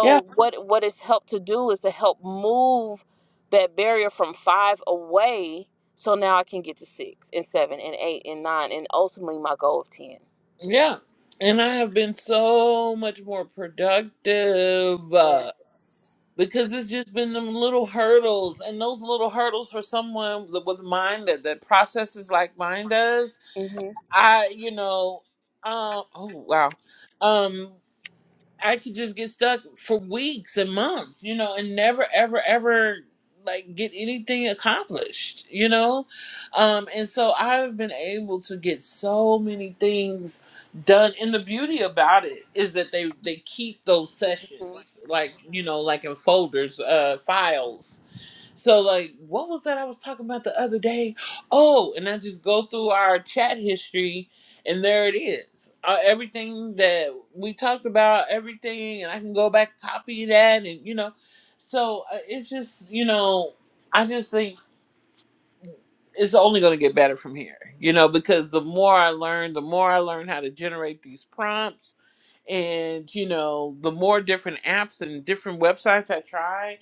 Yeah.
what what it's helped to do is to help move that barrier from five away. So now I can get to six and seven and eight and nine and ultimately my goal of ten.
Yeah. And I have been so much more productive uh,
Yes.
because it's just been them little hurdles. And those little hurdles for someone with with mine that, that processes like mine does,
Mm-hmm.
I, you know, um, oh, wow. Um, I could just get stuck for weeks and months, you know, and never ever ever like get anything accomplished, you know? Um and so I've been able to get so many things done and the beauty about it is that they they keep those sessions like, you know, like in folders, uh files so like, what was that I was talking about the other day? Oh, and I just go through our chat history, and there it is. Uh, everything that we talked about, everything, and I can go back copy that, and you know, so uh, it's just you know, I just think it's only going to get better from here, you know, because the more I learn, the more I learn how to generate these prompts, and you know, the more different apps and different websites I try.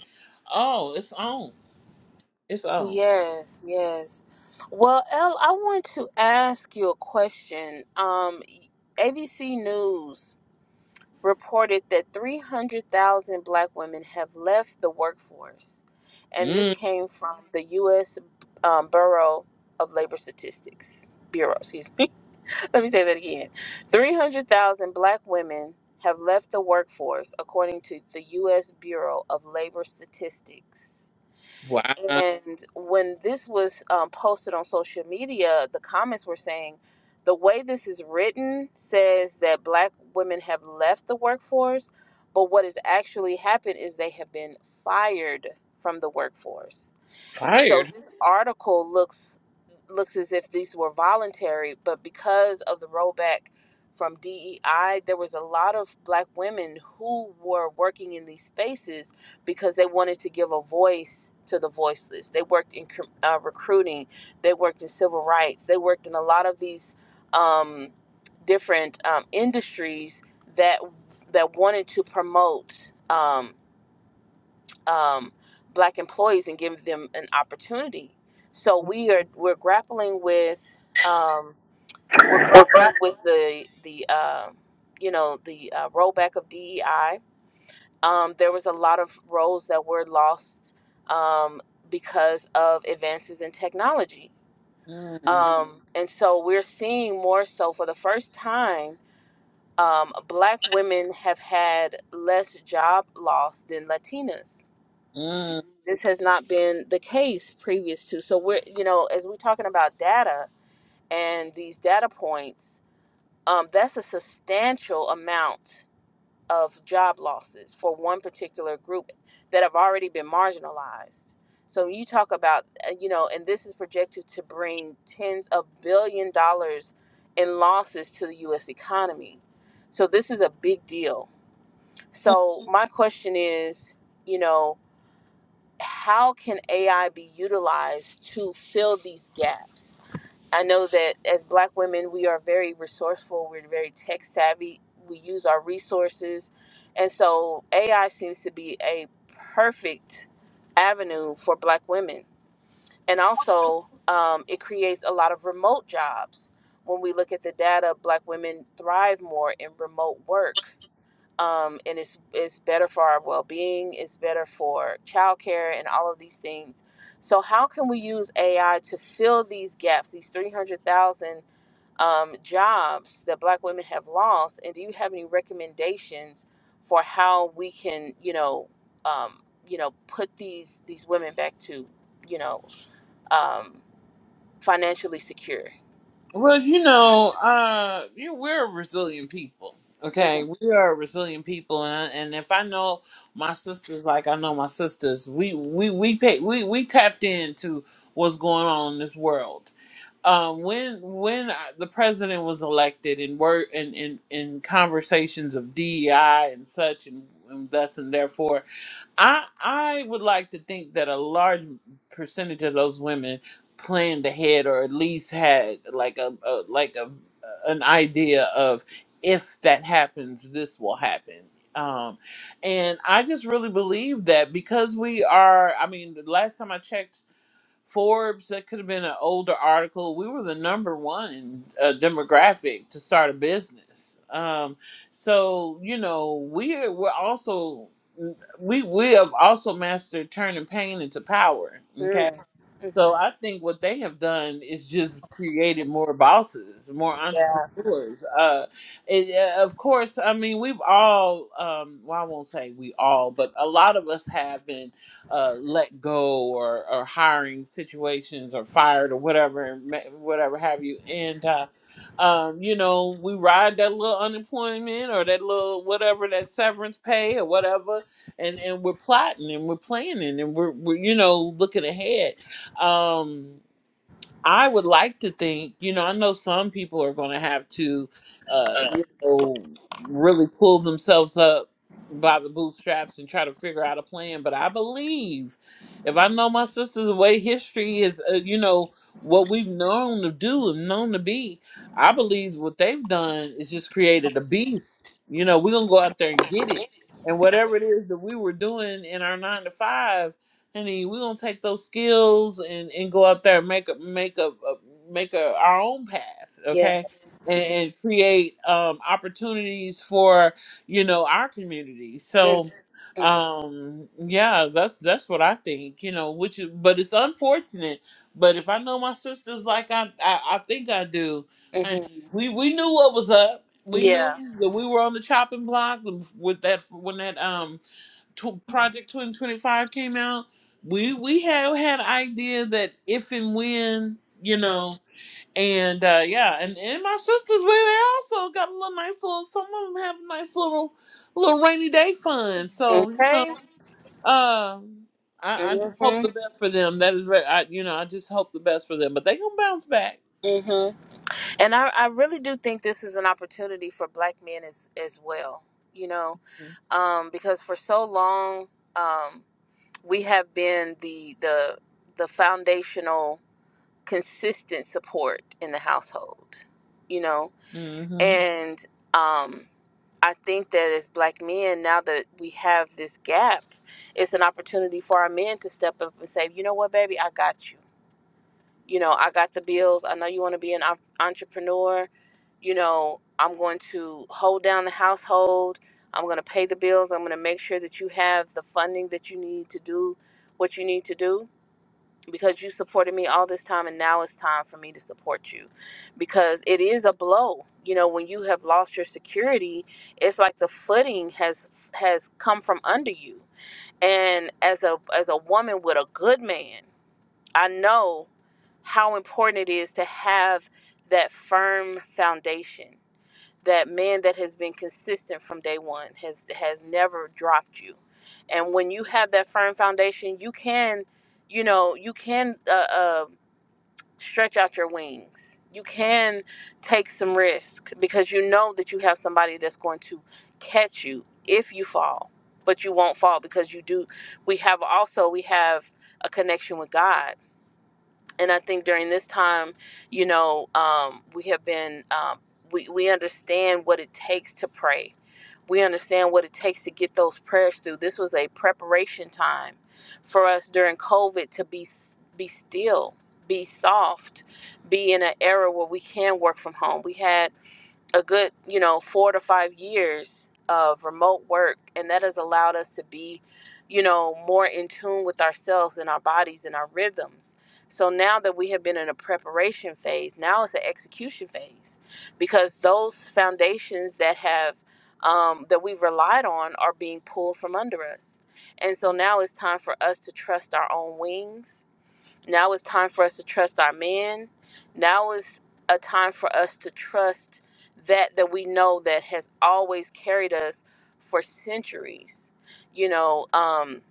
Oh, it's on, it's on.
Yes, yes. Well, Elle, I want to ask you a question. Um, ABC News. reported that 300,000 black women have left the workforce. And
Mm.
this came from the U.S. Um, Bureau of Labor Statistics. Bureau, excuse me. Let me say that again. 300,000 black women have left the workforce, according to the U.S. Bureau of Labor Statistics.
Wow,
And when this was um, posted on social media, the comments were saying the way this is written says that black women have left the workforce, but what has actually happened is they have been fired from the workforce. So
fired.
article looks looks as if these were voluntary, but because of the rollback from DEI, there was a lot of black women who were working in these spaces because they wanted to give a voice to the voiceless. They worked in uh, recruiting, they worked in civil rights, they worked in a lot of these um, different um, industries that that wanted to promote. Um, um, black employees and give them an opportunity. So we are we're grappling with um, we're
Well,
grappling with the the uh, you know the uh, rollback of DEI. Um, there was a lot of roles that were lost um, because of advances in technology,
Mm,
um, and so we're seeing more so for the first time. Um, black women have had less job loss than Latinas
mm,
this has not been the case previous to. So we're, you know, as we're talking about data and these data points, um, that's a substantial amount of job losses for one particular group that have already been marginalized. So when you talk about, uh, you know, and this is projected to bring tens of billion dollars in losses to the U.S. economy. So this is a big deal.
mm.
So my question is, you know how can AI be utilized to fill these gaps? I know that as black women, we are very resourceful, we're very tech savvy, we use our resources. And so AI seems to be a perfect avenue for black women. And also, um, it creates a lot of remote jobs. When we look at the data, black women thrive more in remote work um, and it's it's better for our well-being. It's better for childcare and all of these things. So how can we use AI to fill these gaps, these three hundred thousand um, jobs that Black women have lost? And do you have any recommendations for how we can, you know, um, you know, put these these women back to, you know, um, financially secure?
Well, you know, uh, you, we're a resilient people.
Mm-hmm.
Okay, we are a resilient people, and I- and if I know my sisters like I know my sisters, we we we pay, we we tapped into what's going on in this world. Um, when when I, the president was elected, and were in in in conversations of DEI and such, and, and thus and therefore. I I would like to think that a large percentage of those women planned ahead or at least had like a, a like a an idea of if that happens this will happen. Um and I just really believe that because we are I mean the last time I checked Forbes, that could have been an older article. We were the number one uh, demographic to start a business. Um, so you know, we are, we're also mm, we we have also mastered turning pain into power. Okay,
Mm-hmm.
so I think what they have done is just created more bosses, more
Yeah.
entrepreneurs. Uh, it, uh, of course, I mean we've all um, well, I won't say we all, but a lot of us have been uh, let go or, or hiring situations or fired or whatever, ma- whatever have you. And, uh, um, you know, we ride that little unemployment or that little whatever, that severance pay or whatever. And, and we're plotting and we're planning and we're, we're you know, looking ahead. Um, I would like to think, you know, I know some people are going to have to, uh, you know, really pull themselves up by the bootstraps and try to figure out a plan. But I believe, if I know my sister's the way history is, uh, you know, what we've known to do and known to be, I believe what they've done is just created a beast. You know, we're going to go out there and get it. And whatever it is that we were doing in our nine to five honey, we're gonna take those skills and, and go out there and make a make a, a make a, our own path,
Yeah.
okay? And, and create um, opportunities for you know our community. So,
Mm-hmm.
um, yeah, that's that's what I think. You know, which is, but it's unfortunate. But if I know my sisters like I I, I think I do,
Mm-hmm.
honey, we we knew what was up. We
Yeah.
knew that we were on the chopping block with that when that um tw Project 2025 came out, we we had had an idea that if and when, you know, and uh yeah, and, and my sisters, we they also got a little nice little some of them have a nice little little rainy day fund. So, you know,
Okay.
uh I, I just hope the
Mhm.
best for them. That is right. I you know, I just hope the best for them. But they gonna bounce back.
Mhm. And I, I really do think this is an opportunity for black men as as well. You know,
Mm-hmm.
um, because for so long um, we have been the the the foundational consistent support in the household. You know,
Mm-hmm.
and um, I think that as black men now that we have this gap, it's an opportunity for our men to step up and say, you know what, baby, I got you you know, I got the bills. I know you want to be an op- entrepreneur. You know, I'm going to hold down the household. I'm going to pay the bills. I'm going to make sure that you have the funding that you need to do what you need to do because you supported me all this time and now it's time for me to support you because it is a blow. You know, when you have lost your security, it's like the footing has has come from under you. And as a as a woman with a good man, I know how important it is to have that firm foundation, that man that has been consistent from day one, has has never dropped you. And when you have that firm foundation, you can, you know, you can uh, uh, stretch out your wings. You can take some risk because you know that you have somebody that's going to catch you if you fall. But you won't fall because you do. We have also we have a connection with God and I think during this time, you know, um, we have been um, we we understand what it takes to pray. We understand what it takes to get those prayers through. This was a preparation time for us during COVID to be be still, be soft, be in an era where we can work from home. We had a good, you know, four to five years of remote work, and that has allowed us to be, you know, more in tune with ourselves and our bodies and our rhythms. So now that we have been in a preparation phase, now it's an execution phase, because those foundations that have um, that we've relied on are being pulled from under us, and so now it's time for us to trust our own wings now it's time for us to trust our man. Now is a time for us to trust that that we know that has always carried us for centuries. You know, um,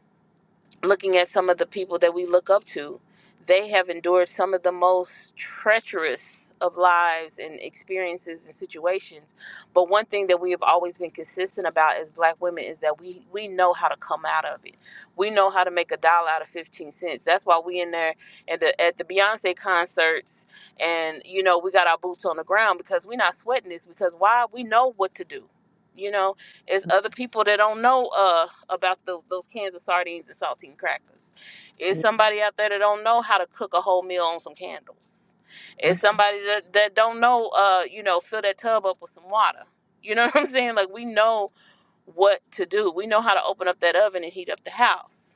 looking at some of the people that we look up to, they have endured some of the most treacherous of lives and experiences and situations. But one thing that we have always been consistent about as black women is that we we know how to come out of it. We know how to make a dollar out of 15 cents. That's why we in there at the at the Beyonce concerts and you know, we got our boots on the ground because we're not sweating this because why we know what to do. You know, it's other people that don't know uh about the, those cans of sardines and saltine crackers. It's somebody out there that don't know how to cook a whole meal on some candles. It's
Mm-hmm.
somebody that, that don't know uh you know fill that tub up with some water. You know what I'm saying? Like we know what to do. We know how to open up that oven and heat up the house.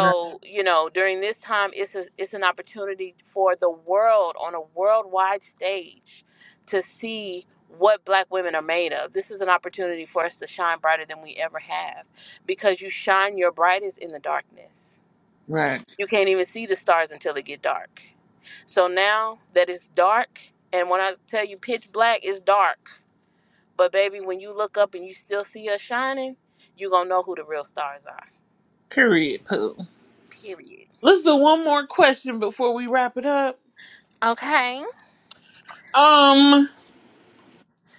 Right.
you know, during this time, it's, a, it's an opportunity for the world on a worldwide stage to see what black women are made of. This is an opportunity for us to shine brighter than we ever have because you shine your brightest in the darkness.
Right.
You can't even see the stars until it get dark. So now that it's dark, and when I tell you pitch black, it's dark. But baby, when you look up and you still see us shining, you're going to know who the real stars are.
Period. Pooh. Let's do one more question before we wrap it up.
Okay.
Um,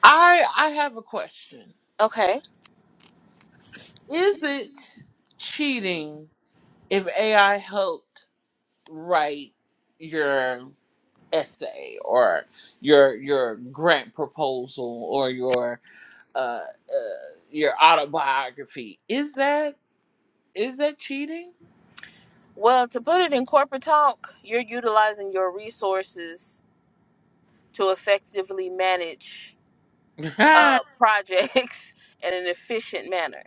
I I have a question.
Okay.
Is it cheating if AI helped write your essay or your your grant proposal or your uh, uh your autobiography? Is that is that cheating?
Well, to put it in corporate talk, you're utilizing your resources to effectively manage uh,
okay.
projects in an efficient manner.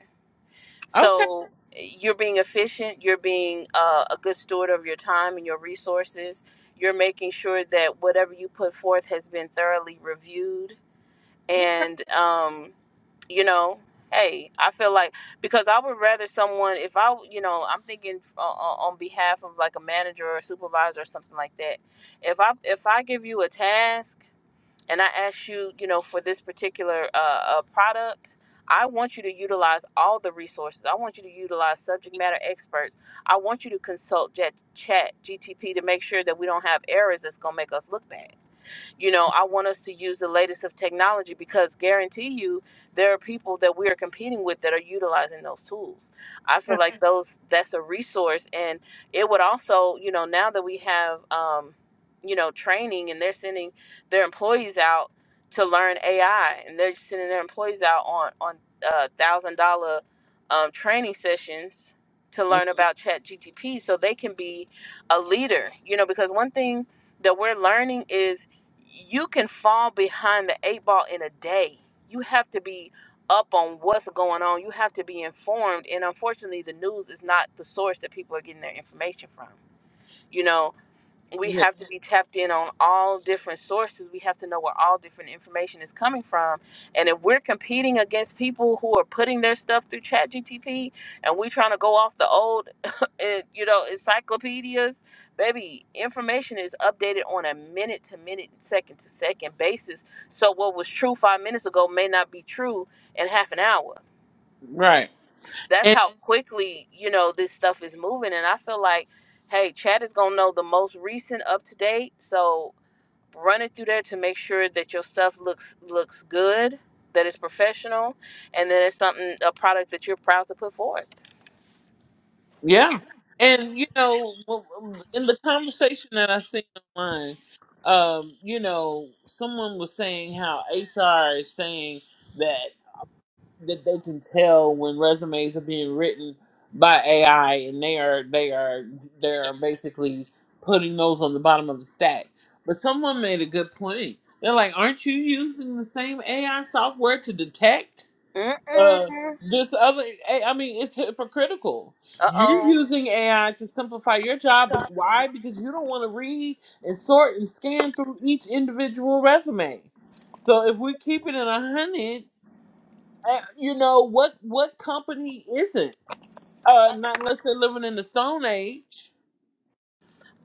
Mm,
So you're being efficient, you're being uh, a good steward of your time and your resources, you're making sure that whatever you put forth has been thoroughly reviewed and um you know hey i feel like because i would rather someone if i you know i'm thinking uh, on behalf of like a manager or supervisor or something like that if i if i give you a task and i ask you you know for this particular uh, uh product I want you to utilize all the resources. I want you to utilize subject matter experts. I want you to consult Chat, chat GTP to make sure that we don't have errors that's going to make us look bad. You know, I want us to use the latest of technology because guarantee you there are people that we are competing with that are utilizing those tools. I feel
Yeah.
like those that's a resource and it would also, you know, now that we have um, you know, training and they're sending their employees out to learn AI and they're sending their employees out on on uh, thousand dollar um, training sessions to
Mm,
learn about chat gtp so they can be a leader you know because one thing that we're learning is you can fall behind the eight ball in a day. You have to be up on what's going on. You have to be informed. And unfortunately, the news is not the source that people are getting their information from. You know, we
yeah.
have to be tapped in on all different sources. We have to know where all different information is coming from. And if we're competing against people who are putting their stuff through Chat GTP and we trying to go off the old, eh, you know, encyclopedias, baby, information is updated on a minute to minute, second to second basis. So what was true five minutes ago may not be true in half an hour
Right.
that's how quickly you know this stuff is moving and i feel like hey chad is gonna know the most recent up to date so run it through there to make sure that your stuff looks looks good that it's professional and that it's something a product that you're proud to put forth
Yeah. And you know, w- w- in the conversation that I seen online, um, you know, someone was saying how HR is saying that that they can tell when resumes are being written by AI, and they are they are they are basically putting those on the bottom of the stack. But someone made a good point. They're like, "Aren't you using the same AI software to detect?"
Mm-mm.
uh, this other I I mean it's hypocritical. You're
uh-oh
using AI to simplify your job. but Why? Because you don't want to read and sort and scan through each individual resume. So if we keep it in a hundred, uh, you know what what company isn't? Uh, not unless they're living in the Stone Age.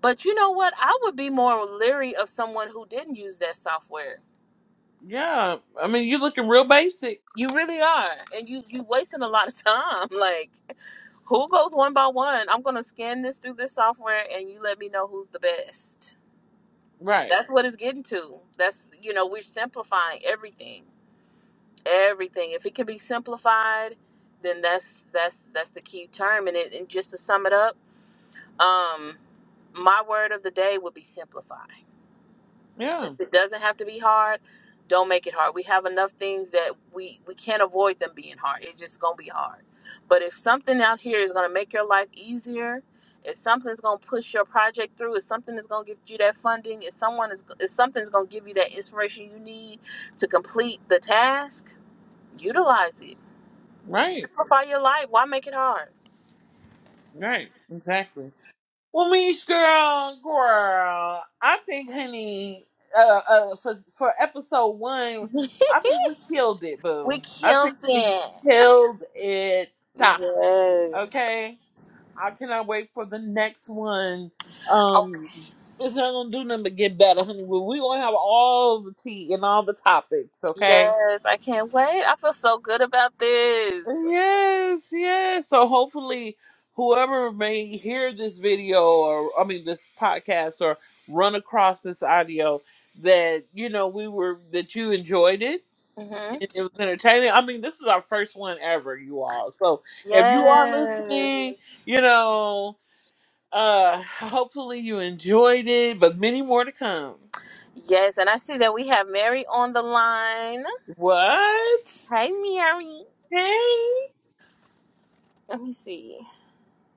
but you know what i would be more leery of someone who didn't use that software
Yeah, I mean you're looking real basic,
You really are, and you you wasting a lot of time. Like, who goes one by one? I'm gonna scan this through this software, and you let me know who's the best.
right?
That's what it's getting to. That's you know we're simplifying everything, everything. If it can be simplified, then that's that's that's the key term. And it and just to sum it up, um, my word of the day would be simplify.
Yeah,
it doesn't have to be hard don't make it hard we have enough things that we we can't avoid them being hard it's just gonna be hard but if something out here is gonna make your life easier if something's gonna push your project through if something is gonna give you that funding if someone is if something's gonna give you that inspiration you need to complete the task utilize it
right,
simplify your life why make it hard
right, exactly. Well, Mish girl, girl, I think, honey, uh, uh, for for episode one, I think we killed it,
we
boo. I
killed
think we
it
killed it.
yes
Okay, I cannot wait for the next one.
oh
Um, it's not gonna do nothing but get better, honey. We we gonna have all the tea and all the topics. Okay.
yes i can't wait i feel so good about this
Yes, yes. So hopefully, whoever may hear this video or, I mean, this podcast or run across this audio, that, you know, we were, that you enjoyed it
Mm-hmm.
and it was entertaining. I mean, this is our first one ever, you all. So if you are
Yes.
listening, you know, uh hopefully you enjoyed it, but many more to come.
Yes. And I see that we have Mary on the line.
What?
Hey, Mary.
Hey.
Let me see.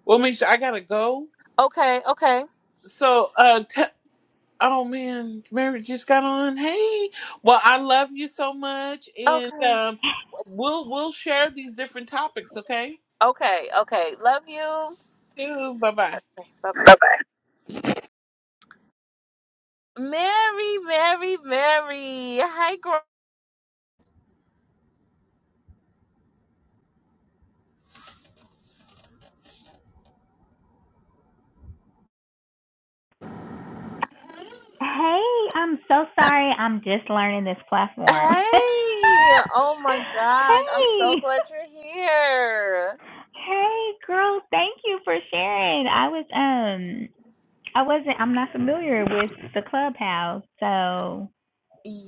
Well, Misha, I gotta go.
Okay. Okay.
So, uh, t- Oh man, Mary just got on. Hey, well, I love you so much, and
Okay.
um, we'll we'll share these different topics. Okay,
Okay. Okay. Love you.
bye bye.
Okay, bye bye. Mary, Mary, Mary. Hi, girl.
Hey, I'm so sorry. I'm just learning this platform. hey,
Hey. Oh my gosh. I'm so glad you're here.
hey, girl. Thank you for sharing. I was um, I wasn't. I'm not familiar with the clubhouse, so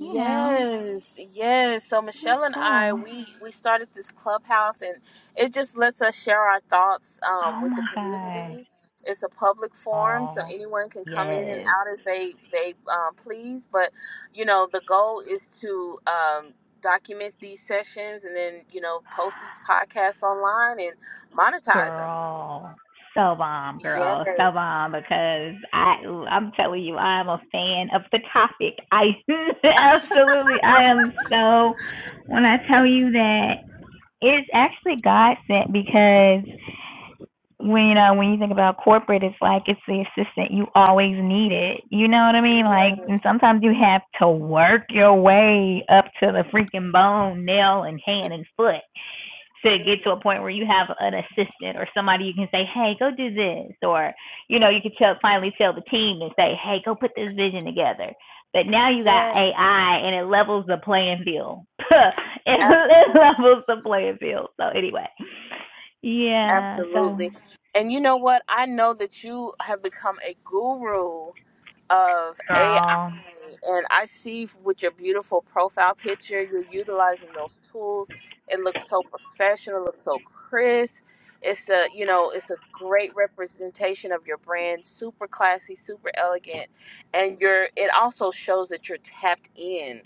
you know,
yes. So
it was
Michelle and I,
cool.
we we started this clubhouse, and it just lets us share our thoughts um,
Oh
with the
my gosh.
community. It's a public forum, so
Oh
anyone can come in and
yes.
out as they they um, please. But you know, the goal is to um, document these sessions, and then you know, post these podcasts online and monetize them.
Girl, so bomb, girl, so
Yes,
bomb. Because I, I'm telling you, I am a fan of the topic. I absolutely, I am so. When I tell you that it's actually God sent, because when you know when you think about corporate, it's like it's the assistant you always need it. You know what I mean?
yes,
Like, and sometimes you have to work your way up to the freaking bone, nail, and hand and foot to
mhm.
get to a point where you have an assistant or somebody you can say, "Hey, go do this," or you know, you could tell finally tell the team and say, "Hey, go put this vision together." But now you got
yes,
AI and it levels the playing field. it it
absolutely.
levels the playing field. So anyway, yeah. So
Absolutely. And you know what? I know that you have become a guru of AI.
girl,
And I see with your beautiful profile picture, you're utilizing those tools. It looks so professional, it looks so crisp. It's a, you know, it's a great representation of your brand, super classy, super elegant, and you're it also shows that you're tapped in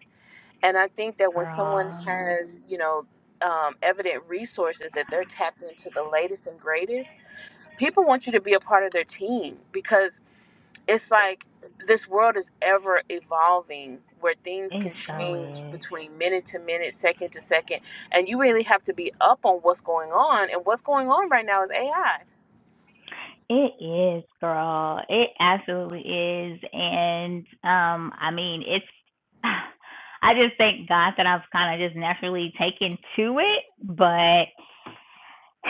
and I think that when someone
girl,
has, you know, um, evident resources that they're tapped into the latest and greatest, people want you to be a part of their team because it's like this world is ever evolving where things
it
can
so
change
is.
between minute to minute, second to second. And you really have to be up on what's going on. And what's going on right now is AI.
It is, girl. It absolutely is. And um, I mean, it's I just thank God that I've kind of just naturally taken to it, but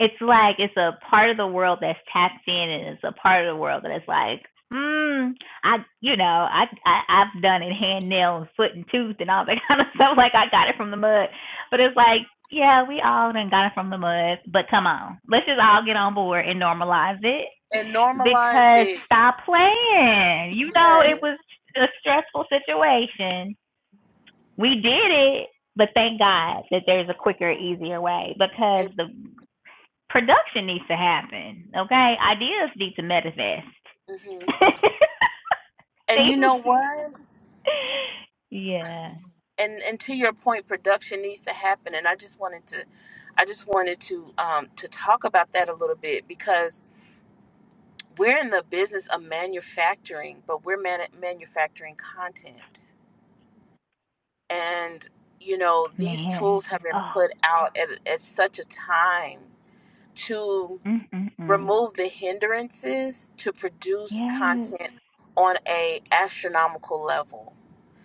it's like it's a part of the world that's tapped in and it's a part of the world that is like, mm, I you know, I, I I've done it hand nail and foot and tooth and all that kind of stuff. Like I got it from the mud. But it's like yeah, we all done got it from the mud, but come on. Let's just all get on board and normalize it
And normalize
because
it.
stop playing. You know,
Yes.
it was a stressful situation. We did it, but thank God that there's a quicker, easier way because the
It's,
production needs to happen. Okay, ideas need to manifest.
hmm And
Things,
you know what?
yeah,
and and to your point production needs to happen and i just wanted to i just wanted to um to talk about that a little bit because we're in the business of manufacturing but we're man- manufacturing content and you know these
man.
tools have been
Oh,
put out at, at such a time to
mm mm mm.
remove the hindrances to produce
Yes,
content on a astronomical level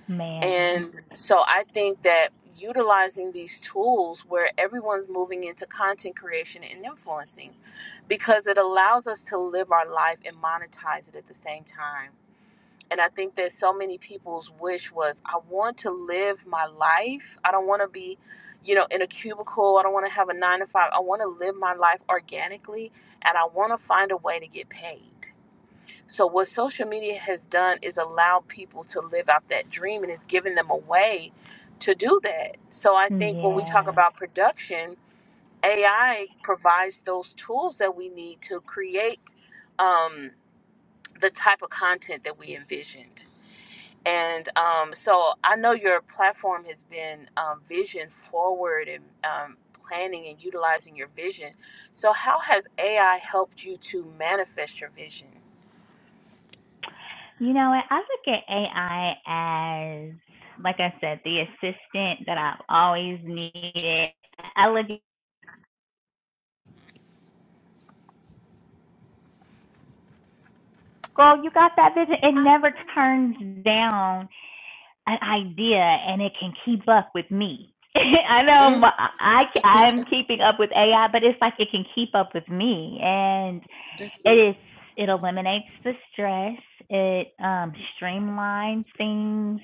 man.
And so I think that utilizing these tools where everyone's moving into content creation and influencing because it allows us to live our life and monetize it at the same time. And I think that so many people's wish was I want to live my life. I don't want to be, you know, in a cubicle. I don't want to have a 9 to 5. I want to live my life organically and I want to find a way to get paid. So what social media has done is allow people to live out that dream and it's given them a way to do that. So I think when we talk
Yeah.
about production, AI provides those tools that we need to create um, the type of content that we envisioned. And um, so I know your platform has been um, vision forward and um, planning and utilizing your vision. So how has AI helped you to manifest your vision?
You know what? I look at AI as, like I said, the assistant that I've always needed. I look, at, girl, you got that vision. It never turns down an idea, and it can keep up with me. I know my, I I'm keeping up with AI, but it's like it can keep up with me, and It is. It eliminates the stress. It um, streamlines things.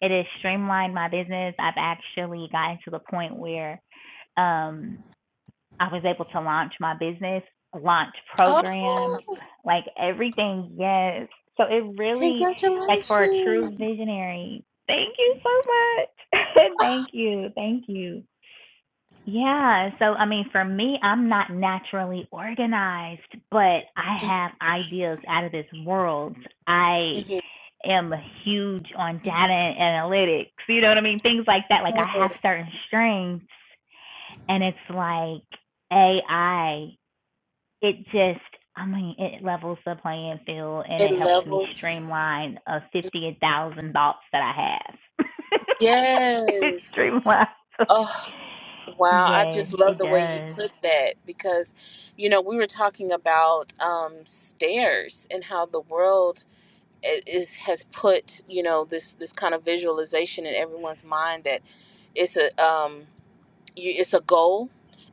It has streamlined my business. I've actually gotten to the point where um, I was able to launch my business, launch programs, like everything. Yes. So it really, like, for a
Congratulations.
true visionary. Thank you so much. thank you. Thank you. Yeah. So, I mean, for me, I'm not naturally organized, but I have ideas out of this world. I
hmm
am huge on data and analytics, you know what I mean? Things like that. Like, I have certain strengths, and it's like AI, it just, I mean, it levels the playing field and
It
it helps me
levels.
streamline uh, 50,000 thoughts that I have. it
Yes.
streamlines.
Oh, wow. I
Yes,
just love
it
the way you
does.
put that because, you know, we were talking about um, stairs and how the world i- is has put, you know, this this kind of visualization in everyone's mind that it's a um you, it's a goal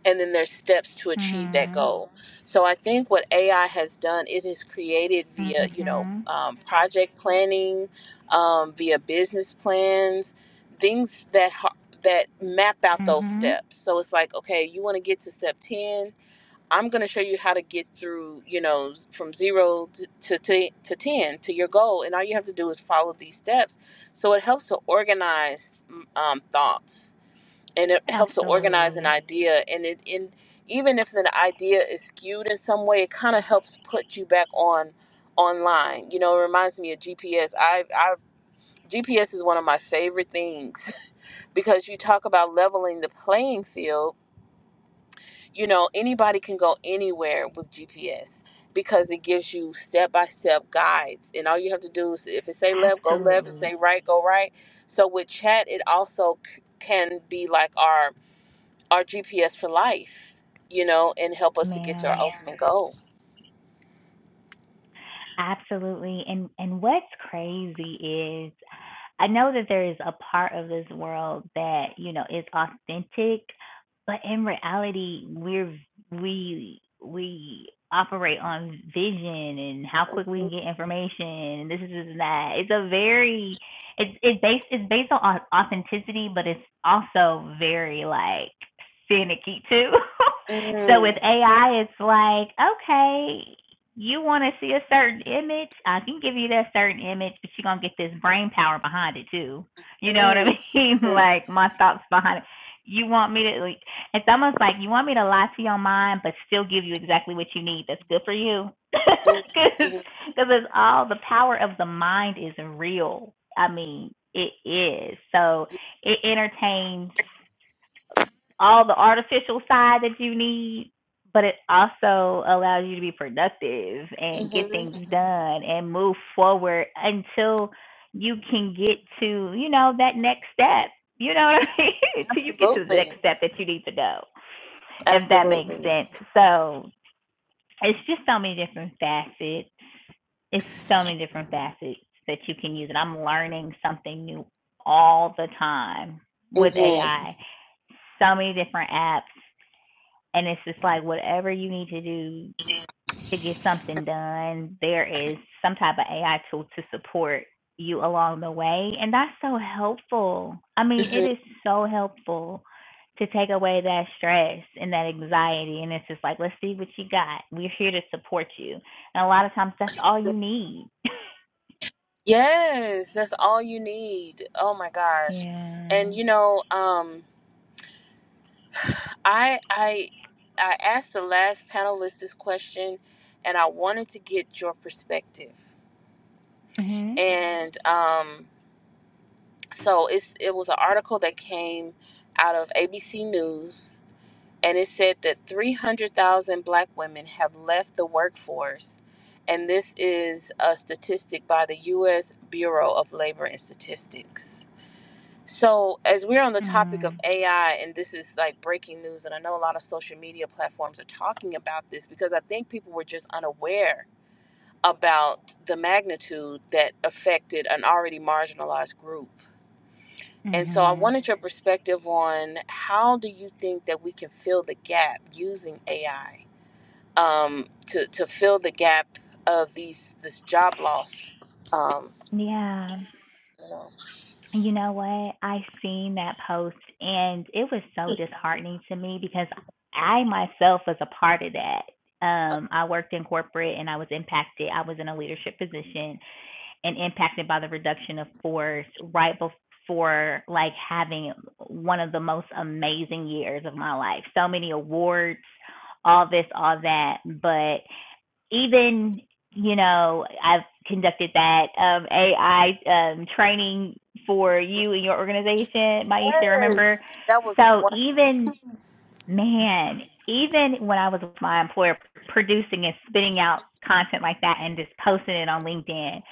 and then there's steps to achieve that
Mhm.
goal so i think what ai has done it has created via you know
Mhm.
um, project planning um, via business plans things that ha- that map out those
Mhm.
steps so it's like okay you want to get to step 10 i'm going to show you how to get through you know from zero to, to, to 10 to your goal and all you have to do is follow these steps so it helps to organize mm, um, thoughts and it helps to organize an
Absolutely.
idea and it in even if an idea is skewed in some way it kind of helps put you back on online you know it reminds me of gps i i gps is one of my favorite things because you talk about leveling the playing field you know anybody can go anywhere with gps because it gives you step-by-step guides and all you have to do is if it say left go left if it
Absolutely.
say right go right so with chat it also c- can be like our our GPS for life, you know, and help us to get to our Yeah.
Man.
ultimate goal.
Absolutely. And and what's crazy is I know that there is a part of this world that, you know, is authentic, but in reality, we're we we operate on vision and how quick we
Mhm.
can get information and this is and that. It's a very it's it's based it's based on authenticity, but it's also very like finicky too. so with
Mhm.
AI, it's like okay, you want to see a certain image, I can give you that certain image, but you're gonna get this brain power behind it too. You know what I
Mhm.
mean?
Mhm.
like my thoughts behind it. You want me to? like, It's almost like you want me to lie to your mind, but still give you exactly what you need. That's good for you, because
Mhm.
it's all the power of the mind is real. I mean, it is. So it entertains all the artificial side that you need, but it also allows you to be productive and get
Mhm.
things done and move forward until you can get to, you know, that next step. You know what I mean? Until you get to the
Absolutely.
next step that you need to know, if that makes
Absolutely.
sense. So it's just so many different facets. It's so many different facets that you can use. And I'm learning something new all the time with
Mhm.
AI so many different apps, and it's just like whatever you need to do to get something done, there is some type of AI tool to support you along the way. And that's so helpful. I mean, it
Mhm.
is so helpful to take away that stress and that anxiety. And it's just like, let's see what you got. We're here to support you. And a lot of times that's all you need.
Yes, that's all you need. Oh my gosh.
yeah.
And you know, um I I I asked the last panelist this question, and I wanted to get your perspective.
Mhm.
And um, so it's it was an article that came out of ABC News, and it said that three hundred thousand Black women have left the workforce, and this is a statistic by the U.S. Bureau of Labor and Statistics. So, as we're on the topic of
Mm.
AI, and this is like breaking news, and I know a lot of social media platforms are talking about this because I think people were just unaware about the magnitude that affected an already marginalized group. And so, I
Mhm.
wanted your perspective on how do you think that we can fill the gap using AI um, to, to fill the gap of these this job loss? Um,
Yeah. You know what? I seen that post and it was so disheartening to me because I myself was a part of that. Um, I worked in corporate and I was impacted. I was in a leadership position and impacted by the reduction of force right before like having one of the most amazing years of my life. So many awards, all this, all that, but even you know I've conducted that um, AI um, training for you and your organization, Maisha.
yes,
Remember,
that was
so
wonderful.
even man, even when I was with my employer producing and spitting out content like that and just posting it on LinkedIn,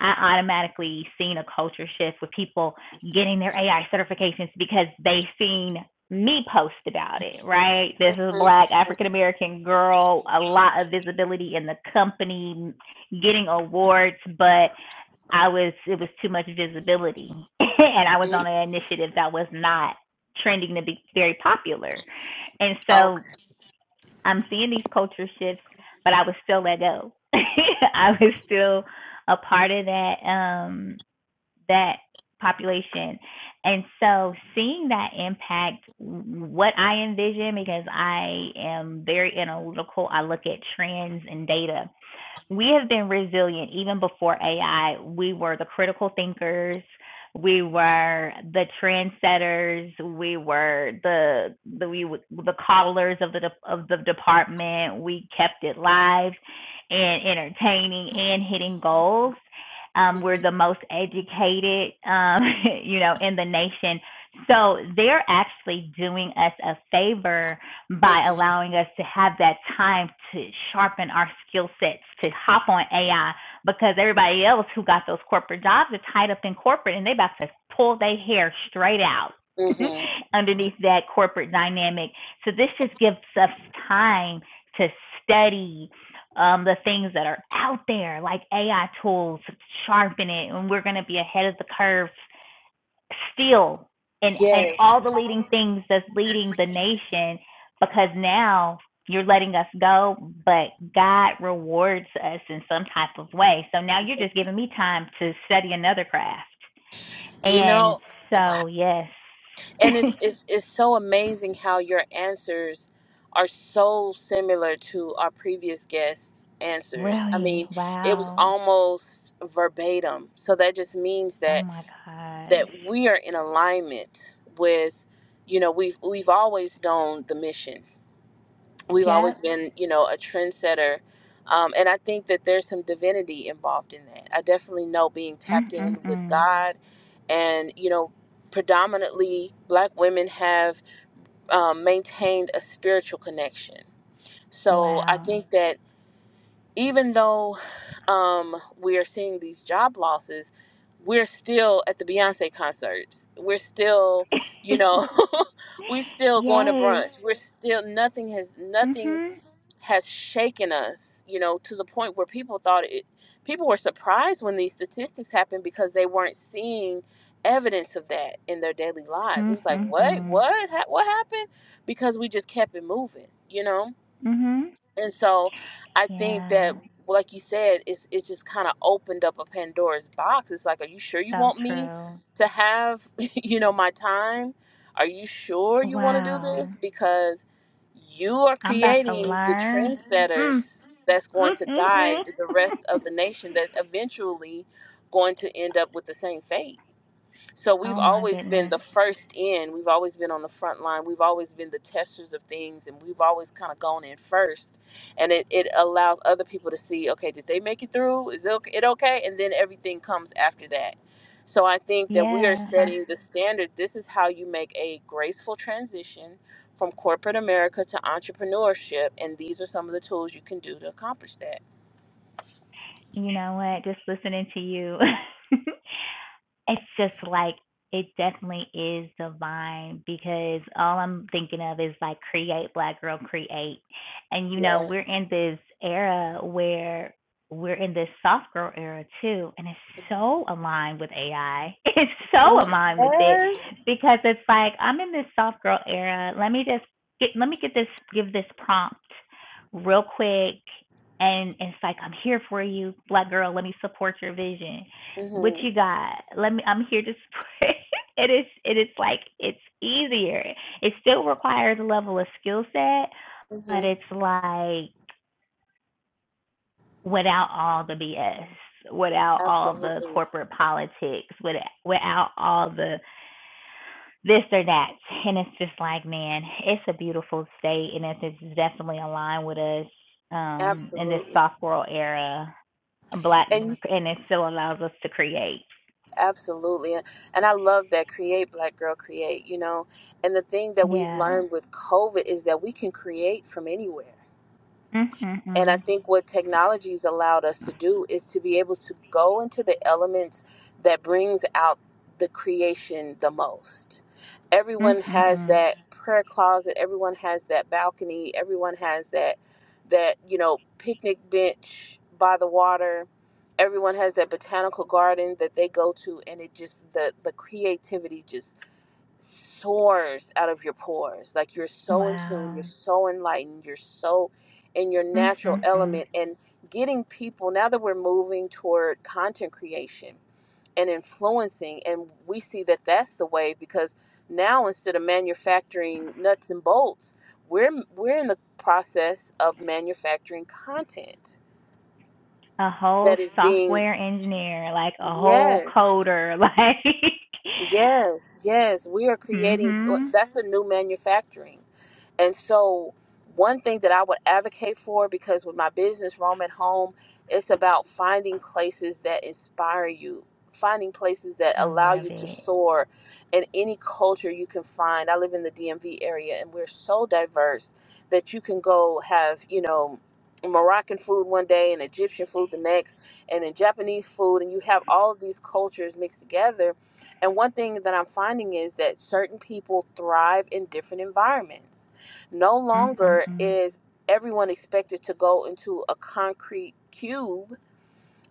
I automatically seen a culture shift with people getting their AI certifications because they seen me post about it, right? This is a black African American girl, a lot of visibility in the company, getting awards, but I was it was too much visibility, and I was
Mhm.
on an initiative that was not trending to be very popular, and so
Okay.
I'm seeing these culture shifts, but I was still let go. I was still a part of that um that population. And so seeing that impact what I envision because I am very analytical, I look at trends and data we have been resilient even before AI. We were the critical thinkers. We were the trendsetters. We were the the we the callers of the of the department. We kept it live and entertaining and hitting goals. Um, we're the most educated, um, you know, in the nation. So they're actually doing us a favor by
hmm
allowing us to have that time to sharpen our skill sets, to hop on AI, because everybody else who got those corporate jobs are tied up in corporate and they about to pull their hair straight out
hmm
underneath that corporate dynamic. So this just gives us time to study um, the things that are out there, like AI tools, sharpen it, and we're going to be ahead of the curve still in in
Yes,
all the leading things that's leading the nation because now you're letting us go but god rewards us in some type of way so now you're just giving me time to study another craft
you
and
know, wow.
so yes
and it's it's it's so amazing how your answers are so similar to our previous guests' answers. I
really
mean, it was
wow
almost verbatim. So that just means
oh
that
my gosh
that we are in alignment with, you know, we've we've always known the mission. we've always
yep
been you know a trendsetter um, and i think that there's some divinity involved in that i definitely know being
mm
tapped
mm
in with
mm
god and you know predominantly black women have um, maintained a spiritual connection so i
wow
think that even though um, we are seeing these job losses we're still at the beyonce concerts we're still you know we're still going to
yes
brunch we're still nothing has nothing
mhm
has shaken us, you know, to the point where people thought it, people were surprised when these statistics happened because they weren't seeing evidence of that in their daily lives. It
mhm
was like, what,
mhm
what, ha- what happened? Because we just kept it moving, you know?
mhm
And so I think
yeah
that like you said, it's it just kind of opened up a Pandora's box. It's like, are you sure you
So
want me
true.
to have, you know, my time? Are you sure you want to do
Wow.
this? Because you are
I'm about to
creating the
learn. Mm.
trendsetters that's going to guide the rest of the nation that's eventually going to end up with the same fate so we've
oh my
always been
goodness.
the first in. We've always been on the front line. We've always been the testers of things, and we've always kind of gone in first. And it, it allows other people to see, okay, did they make it through? Is it okay? it okay? And then everything comes after that. So I think that we are
Yeah. Uh,
setting the standard. This is how you make a graceful transition from corporate America to entrepreneurship, and these are some of the tools you can do to accomplish that.
you know what? Just listening to you it's just like it definitely is divine because all I'm thinking of is like create black girl create and you know we're
Yes.
in this era where we're in this soft girl era too and it's so aligned with AI it's
Mm,
so aligned with it
Yes.
because it's like I'm in this soft girl era let me just get let me get this give this prompt real quick and it's like I'm here for you black girl let me support your vision what
Mhm.
you got? Let me. I'm here to support. it is. It is like it's easier. It still requires a level of skill set, but
Mhm.
it's like without all the BS, without all the
Absolutely.
corporate politics, without, without all the this or that. And it's just like, man, it's a beautiful state, and it's, it's definitely aligned with us um, in this
Absolutely.
soft world era. Black,
And
and it still allows us to create.
absolutely. And I love that create black girl create, you know. And the thing that we've
Yeah.
learned with COVID is that we can create from anywhere. And I
Mm-mm-mm.
think what technology's allowed us to do is to be able to go into the elements that brings out the creation the most. Everyone has
Mm-mm-mm.
that prayer closet, everyone has that balcony, everyone has that that, you know, picnic bench by the water. Everyone has that botanical garden that they go to and it just the the creativity just soars out of your pores. Like you're so in tune, you're
Wow.
so enlightened, you're so in your natural
Mm-mm-mm.
element. And getting people, now that we're moving toward content creation and influencing, and we see that that's the way because now instead of manufacturing nuts and bolts, we're, we're in the process of manufacturing content
A whole
that is being
software engineer, like a whole
Yes,
coder, like
yes, yes. We are creating,
Mhm.
that's the new manufacturing. And so, one thing that I would advocate for, because with my business, Rome at Home, it's about finding places that inspire you, finding places that
I
allow
love
you to
it.
soar in any culture you can find. I live in the DMV area, and we're so diverse that you can go have, you know, Moroccan food one day and Egyptian food the next, and then Japanese food, and you have all of these cultures mixed together. And one thing that I'm finding is that certain people thrive in different environments no longer
Mm-mm-mm.
is everyone expected to go into a concrete cube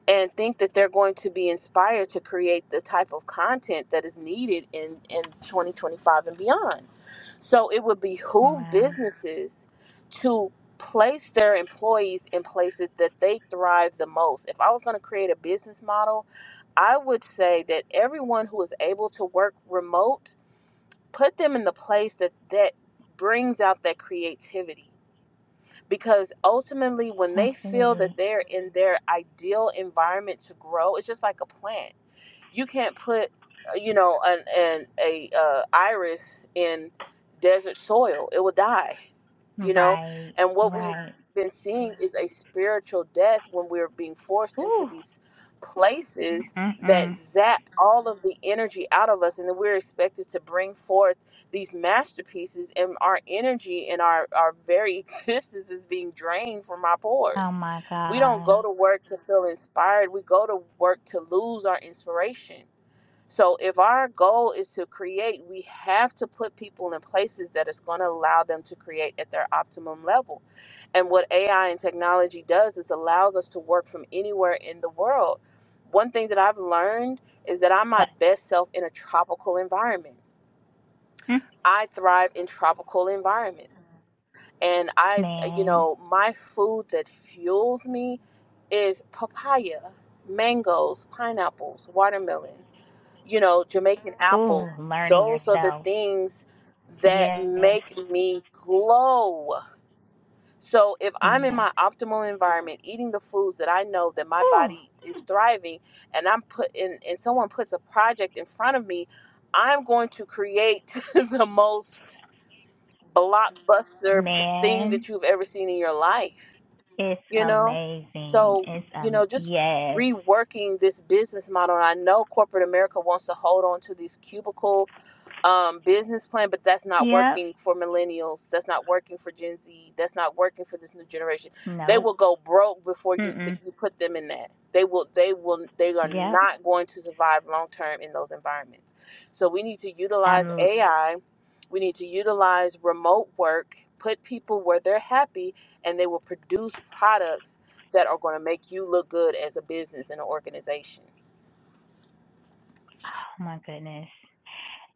and think that they're going to be inspired to create the type of content that is needed in, in 2025 and beyond. So it would behoove
Wow.
businesses to place their employees in places that they thrive the most. If I was going to create a business model, I would say that everyone who is able to work remote, put them in the place that that brings out that creativity because ultimately when they feel that
Absolutely.
they're in their ideal environment to grow it's just like a plant you can't put uh, you know an, an a uh, iris in desert soil it will die you know
Right.
and what we've
Right.
Mhm. been seeing is a spiritual death when we're being forced into
Ooh.
these places that
Mm-mm-mm.
zap all of the energy out of us and then we're expected to bring forth these masterpieces and our energy and our our very existence is being drained from our
Oh
pores
my
we don't go
gosh.
to work to feel inspired we go to work to lose our inspiration so if our goal is to create, we have to put people in places that is going to allow them to create at their optimum level. And what AI and technology does is allows us to work from anywhere in the world. One thing that I've learned is that I'm my
That
best self in a tropical environment.
Mm.
I thrive in tropical environments. And I, you
man.
know, my food that fuels me is papaya, mangoes, pineapples, watermelon you know, Jamaican apple.
Ooh, learning
Those are the
yourself.
things that
Yes.
make me glow. So if I'm in
Yes.
my optimal environment, eating the foods that I know that my
Ooh.
body is thriving, and I'm put in, and someone puts a project in front of me, I'm going to create the most blockbuster pr- thing
Man.
that you've ever seen in your life.
It's
You know,
amazing.
so
It's
you
um
know, just
yes.
reworking this business model. And I know corporate America wants to hold on to these cubicle um, business plan, but that's not
Yep.
working for millennials. That's not working for Gen Z. That's not working for this new generation. They
Nope.
will go broke before you that
Mm-mm.
you put them in that. They will. They will. They are
Yep.
not going to survive long term in those environments. So we need to
I'm
utilize AI. We need to utilize remote work. Put people where they're happy, and they will produce products that are going to make you look good as a business and an organization.
oh my goodness.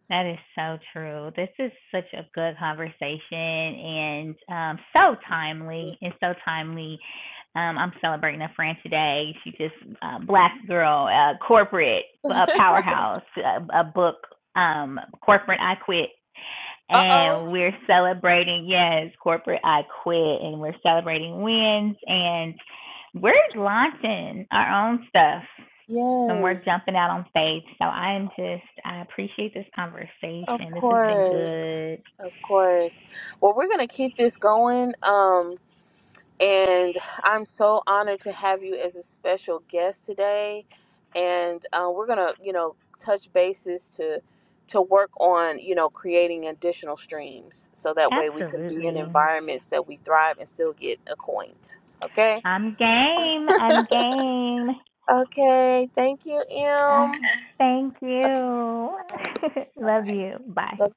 That is so true. This is such a good conversation and um so timely. It's so timely. Um I'm celebrating a friend today. She just uh, black girl, uh corporate uh, powerhouse, uh, a book um corporate I quit
Uh
and we're celebrating yes corporate i quit and we're celebrating wins and we're launching our own stuff and
oh.
we're jumping out on faith so i am just i appreciate this
Of
conversation this has been
course.
good
Of course. Well, we're going to keep this going. Um, and I'm so honored to have you as a special guest today. And uh, we're going to, you know, touch bases to to work on, you know, creating additional streams so that way we can be in
absolutely
environments that we thrive and still get acquainted. Okay?
i'm game i'm game
Okay. Thank you, Em.
Uh, thank
Okay.
you love
Bye-bye.
you bye
Love